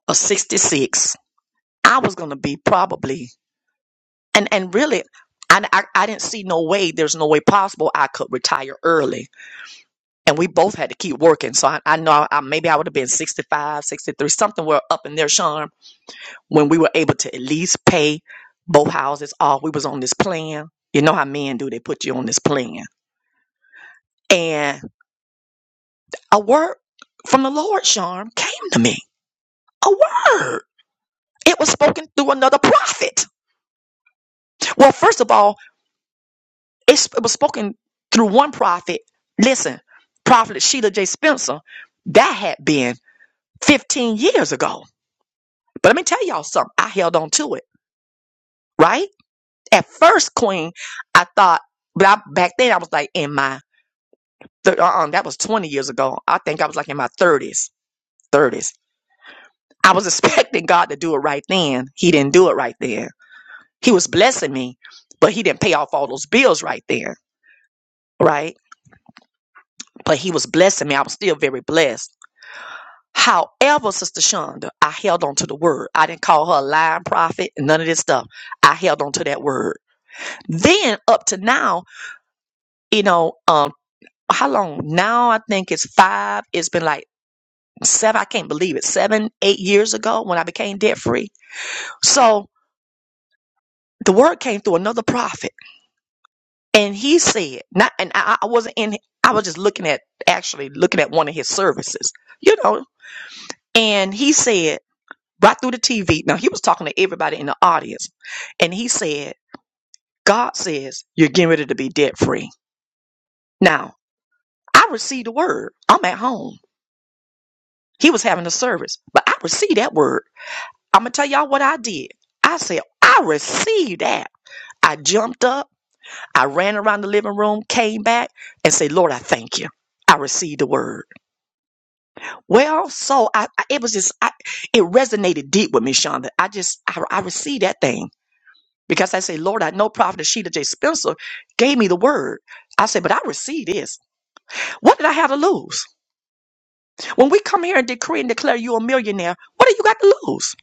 Speaker 1: or 66. I was gonna be probably, and and really, I, I, I didn't see no way. There's no way possible I could retire early, and we both had to keep working. So I, I know I, maybe I would have been 65, 63, something. We're up in there, Sean when we were able to at least pay both houses off. We was on this plan. You know how men do, they put you on this plan. And a word from the Lord, Sharm, came to me. A word. It was spoken through another prophet. Well, first of all, it's- it was spoken through one prophet. Listen, Prophet Sheila J. Spencer, that had been 15 years ago. But let me tell y'all something. I held on to it, right? At first, Queen, I thought, but I, back then I was like in my Th- uh-uh, that was 20 years ago. I think I was like in my 30s, 30s. I was expecting God to do it right then. He didn't do it right then. He was blessing me, but he didn't pay off all those bills right then, right? But he was blessing me. I was still very blessed. However, Sister Shonda, I held on to the word. I didn't call her a lying prophet and none of this stuff. I held on to that word. Then up to now, you know, um, how long? Now I think it's five. It's been like seven, I can't believe it, seven, eight years ago when I became debt free. So the word came through another prophet, and he said, not, and I, I wasn't in, I was just looking at, actually looking at one of his services, you know, and he said, right through the TV, now he was talking to everybody in the audience, and he said, God says, you're getting ready to be debt free. Now, I received the word. I'm at home. He was having a service, but I received that word. I'm going to tell y'all what I did. I said, I received that. I jumped up, I ran around the living room, came back, and said, Lord, I thank you. I received the word. Well, so I, I it was just I, it resonated deep with me, Shonda. I just I, I received that thing because I say, Lord, I know Prophet Sheila J. Spencer gave me the word. I said, but I received this. What did I have to lose? When we come here and decree and declare you a millionaire, what do you got to lose?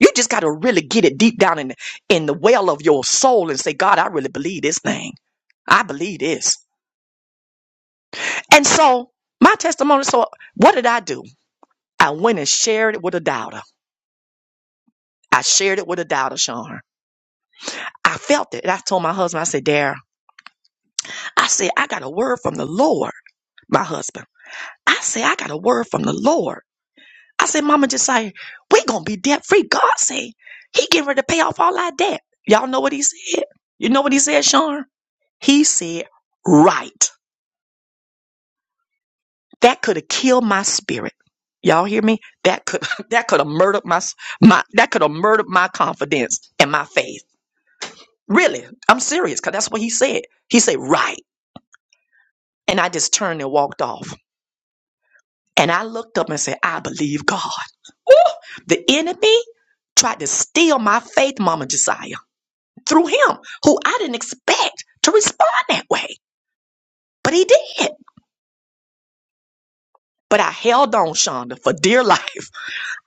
Speaker 1: You just got to really get it deep down in the, in the well of your soul and say, God, I really believe this thing. I believe this. And so my testimony, so what did I do? I went and shared it with a doubter. I shared it with a doubter, Sean. I felt it. And I told my husband, I said, Dare, I said, I got a word from the Lord, my husband. I said, I got a word from the Lord. I said, Mama just say, we gonna be debt free. God say, He getting ready to pay off all our debt. Y'all know what he said? You know what he said, Sean? He said, right. That could have killed my spirit. Y'all hear me? That could that could have murdered my s- my that could have murdered my confidence and my faith. Really, I'm serious because that's what he said. He said right, and I just turned and walked off. And I looked up and said, I believe God. Ooh, the enemy tried to steal my faith, Mama Josiah, through him, who I didn't expect to respond that way, but he did. But I held on, Shonda, for dear life.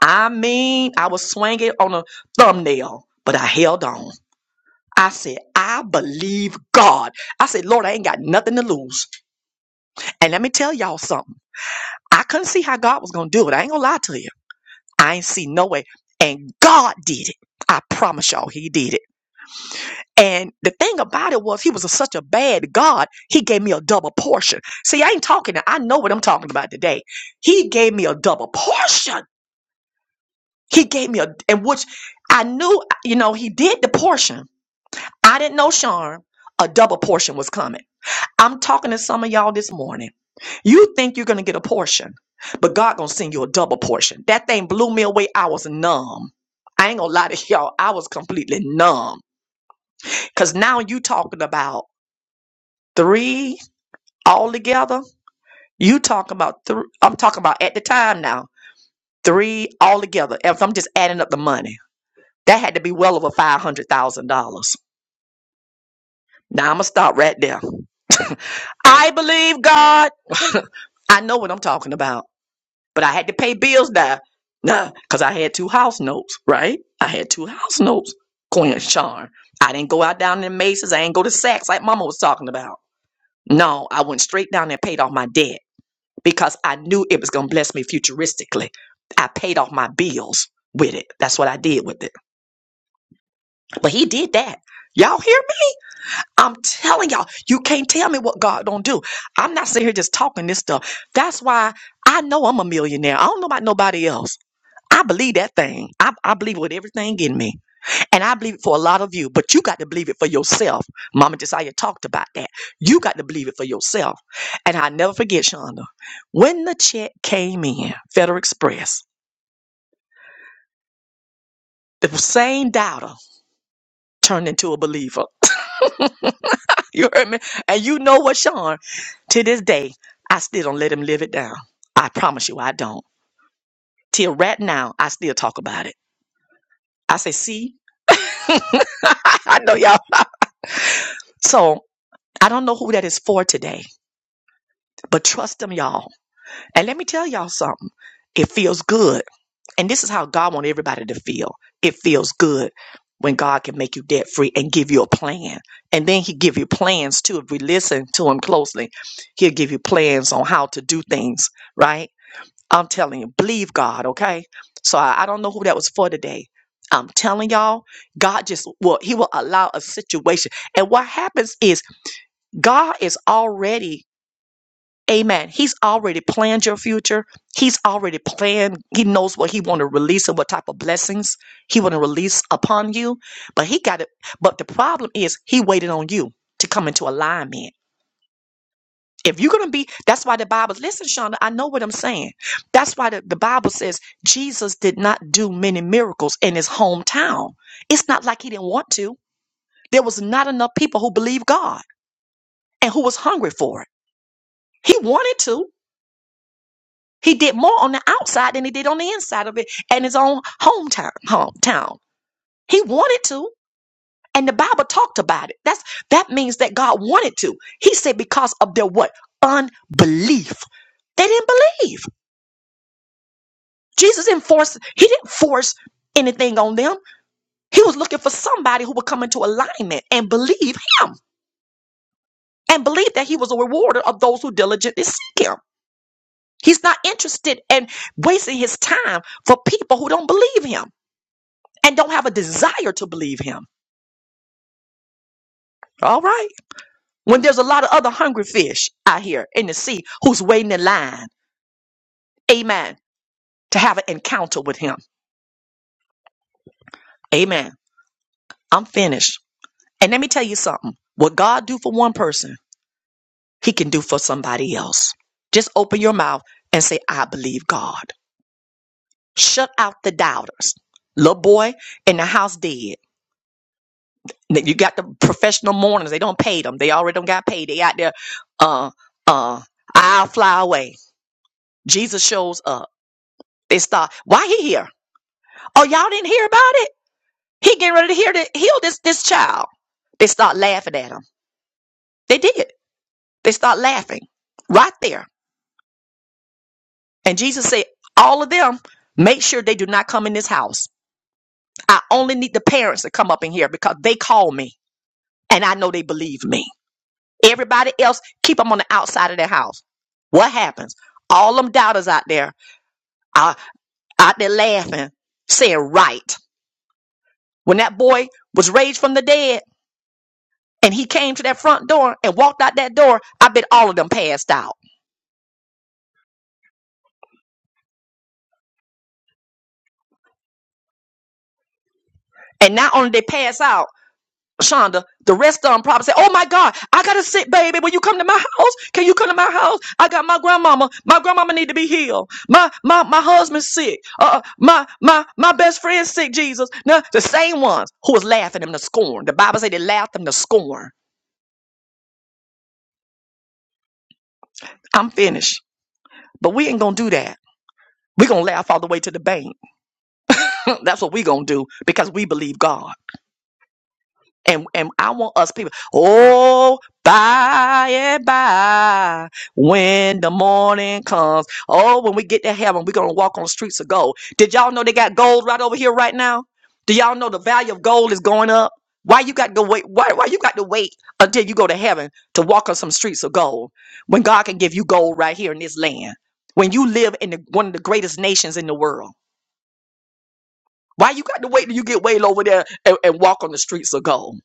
Speaker 1: I mean, I was swinging on a thumbnail, but I held on. I said, I believe God. I said, Lord, I ain't got nothing to lose. And let me tell y'all something. I couldn't see how God was going to do it. I ain't going to lie to you. I ain't see no way. And God did it. I promise y'all, He did it. And the thing about it was, He was a- such a bad God, He gave me a double portion. See, I ain't talking, I know what I'm talking about today. He gave me a double portion. He gave me a, and which I knew, you know, he did the portion. I didn't know, Sean, a double portion was coming. I'm talking to some of y'all this morning. You think you're going to get a portion, but God going to send you a double portion. That thing blew me away. I was numb. I ain't going to lie to y'all. I was completely numb. Because now you talking about three all together. You talking about three. I'm talking about at the time now, three all together. If I'm just adding up the money, that had to be well over $500,000. Now I'm gonna stop right there. I believe God. I know what I'm talking about, but I had to pay bills now. Nah, cause I had two house notes, right? I had two house notes, Queen Charm. I didn't go out down to Macy's. I ain't go to Saks like Mama was talking about. No, I went straight down there and paid off my debt because I knew it was gonna bless me futuristically. I paid off my bills with it. That's what I did with it. But he did that. Y'all hear I'm telling y'all, you can't tell me what God don't do. I'm not sitting here just talking this stuff. That's why I know I'm a millionaire. I don't know about nobody else. I believe that thing. I, I believe it with everything in me. And I believe it for a lot of you, but you got to believe it for yourself. Mama Josiah talked about that. You got to believe it for yourself. And I never forget, Shonda, when the check came in, Federal Express, the same doubter turned into a believer. You heard me? And you know what, Sean? To this day, I still don't let him live it down. I promise you, I don't. Till right now, I still talk about it. I say, see, I know y'all. So I don't know who that is for today, but trust them, y'all. And let me tell y'all something. It feels good. And this is how God wants everybody to feel. It feels good when God can make you debt free and give you a plan. And then he give you plans too. If we listen to him closely, he'll give you plans on how to do things, right? I'm telling you, believe God, okay? So I, I don't know who that was for today. I'm telling y'all, God just will, He will allow a situation. And what happens is God is already, amen. He's already planned your future. He's already planned. He knows what He want to release and what type of blessings He want to release upon you. But He got it. But the problem is He waited on you to come into alignment. If you're going to be, that's why the Bible, listen, Shonda, I know what I'm saying. That's why the, the Bible says Jesus did not do many miracles in his hometown. It's not like he didn't want to. There was not enough people who believed God and who was hungry for it. He wanted to. He did more on the outside than he did on the inside of it and his own hometown. Hometown. He wanted to. And the Bible talked about it. That's that means that God wanted to. He said because of their what? Unbelief. They didn't believe. Jesus didn't force, he didn't force anything on them. He was looking for somebody who would come into alignment and believe him and believe that he was a rewarder of those who diligently seek him. He's not interested in wasting his time for people who don't believe him and don't have a desire to believe him. All right. When there's a lot of other hungry fish out here in the sea who's waiting in line, amen, to have an encounter with him. Amen. I'm finished. And let me tell you something. What God do for one person, he can do for somebody else. Just open your mouth and say, I believe God. Shut out the doubters. Little boy in the house dead. You got the professional mourners. They don't pay them. They already don't got paid. They out there, uh, uh, I'll fly away. Jesus shows up. They start, why he here? Oh, y'all didn't hear about it? He getting ready to hear that heal this this child. They start laughing at him. They did. They start laughing right there. And Jesus said, all of them, make sure they do not come in this house. I only need the parents to come up in here because they call me and I know they believe me. Everybody else, keep them on the outside of their house. What happens? All them doubters out there are out there laughing, saying right. When that boy was raised from the dead and he came to that front door and walked out that door, I bet all of them passed out. And not only they pass out, Shonda, the rest of them probably say, Oh my God, I gotta sit, baby. When you come to my house, can you come to my house? I got my grandmama. My grandmama need to be healed. My my my husband's sick. Uh uh, my my my best friend's sick, Jesus. Now the same ones who was laughing them to scorn. The Bible say they laughed them to scorn. I'm finished. But we ain't gonna do that. we gonna laugh all the way to the bank. That's what we gonna do because we believe God. And and I want us people, oh, by and by, when the morning comes, oh, when we get to heaven, we're gonna walk on the streets of gold. Did y'all know they got gold right over here right now? Do y'all know the value of gold is going up? Why you got to wait? Why, why you got to wait until you go to heaven to walk on some streets of gold when God can give you gold right here in this land? When you live in the, one of the greatest nations in the world, why you got to wait till you get way over there and, and walk on the streets of gold?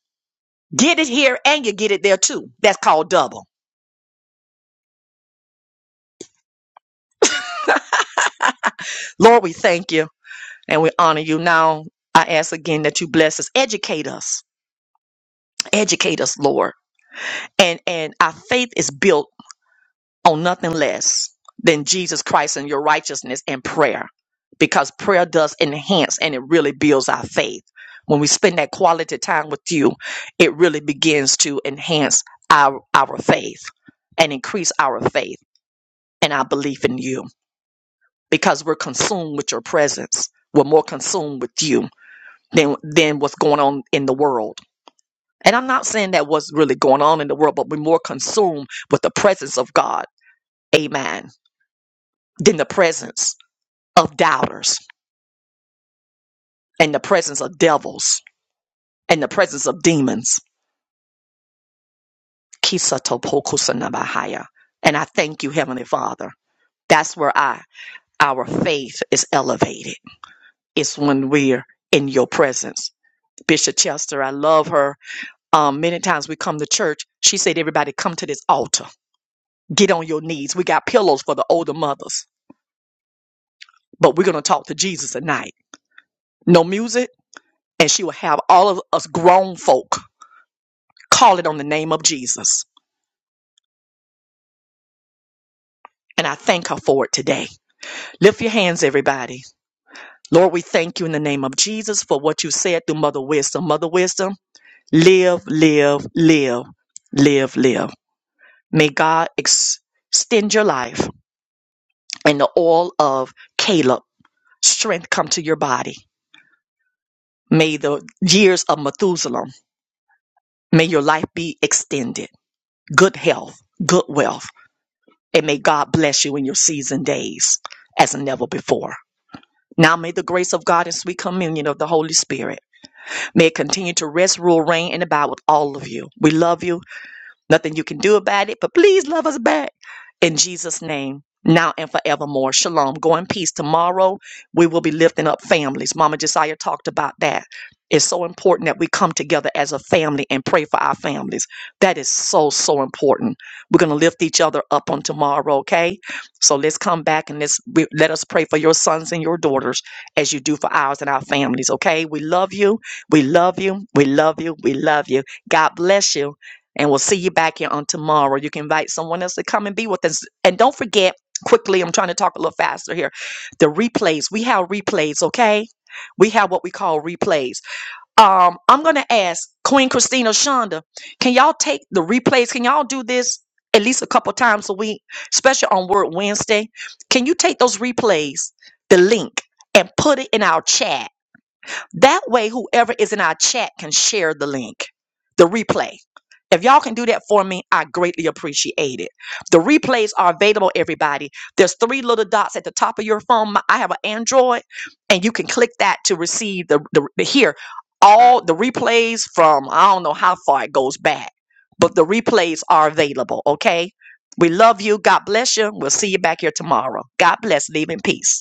Speaker 1: Get it here and you get it there too. That's called double. Lord, we thank you and we honor you. Now I ask again that you bless us, educate us, educate us, Lord. And and our faith is built on nothing less than Jesus Christ and your righteousness and prayer. Because prayer does enhance and it really builds our faith. When we spend that quality time with you, it really begins to enhance our our faith and increase our faith and our belief in you. because we're consumed with your presence. We're more consumed with you than than what's going on in the world. And I'm not saying that what's really going on in the world, but we're more consumed with the presence of God, amen, than the presence of doubters and the presence of devils and the presence of demons. Kisatopokusanabahaya. And I thank you, Heavenly Father. That's where I our faith is elevated. It's when we're in your presence. Bishop Chester, I love her Um, many times we come to church. She said, everybody come to this altar. Get on your knees. We got pillows for the older mothers, but we're going to talk to Jesus tonight. No music. And she will have all of us grown folk call it on the name of Jesus. And I thank her for it today. Lift your hands, everybody. Lord, we thank you in the name of Jesus for what you said through Mother Wisdom. Mother Wisdom, live, live, live, live, live. May God ex- extend your life in the oil of Caleb strength come to your body. May the years of Methuselah, may your life be extended, good health, good wealth, and may God bless you in your season days as never before. Now may the grace of God and sweet communion of the Holy Spirit may it continue to rest, rule, reign, and abide with all of you. We love you. Nothing you can do about it, but please love us back. In Jesus' name, now and forevermore. Shalom. Go in peace. Tomorrow, we will be lifting up families. Mama Josiah talked about that. It's so important that we come together as a family and pray for our families. That is so, so important. We're going to lift each other up on tomorrow, okay? So let's come back and let's, we, let us pray for your sons and your daughters as you do for ours and our families, okay? We love you. We love you. We love you. We love you. God bless you. And we'll see you back here on tomorrow. You can invite someone else to come and be with us. And don't forget, quickly, I'm trying to talk a little faster here. The replays. We have replays, okay? We have what we call replays. Um, I'm gonna ask Queen Christina Shonda, can y'all take the replays? Can y'all do this at least a couple times a week, especially on Word Wednesday? Can you take those replays, the link, and put it in our chat? That way, whoever is in our chat can share the link, the replay. If y'all can do that for me, I greatly appreciate it. The replays are available, everybody. There's three little dots at the top of your phone. My- I have an Android, and you can click that to receive the, the, the here all the replays from I don't know how far it goes back, but the replays are available. Okay, we love you. God bless you. We'll see you back here tomorrow. God bless. Leave in peace.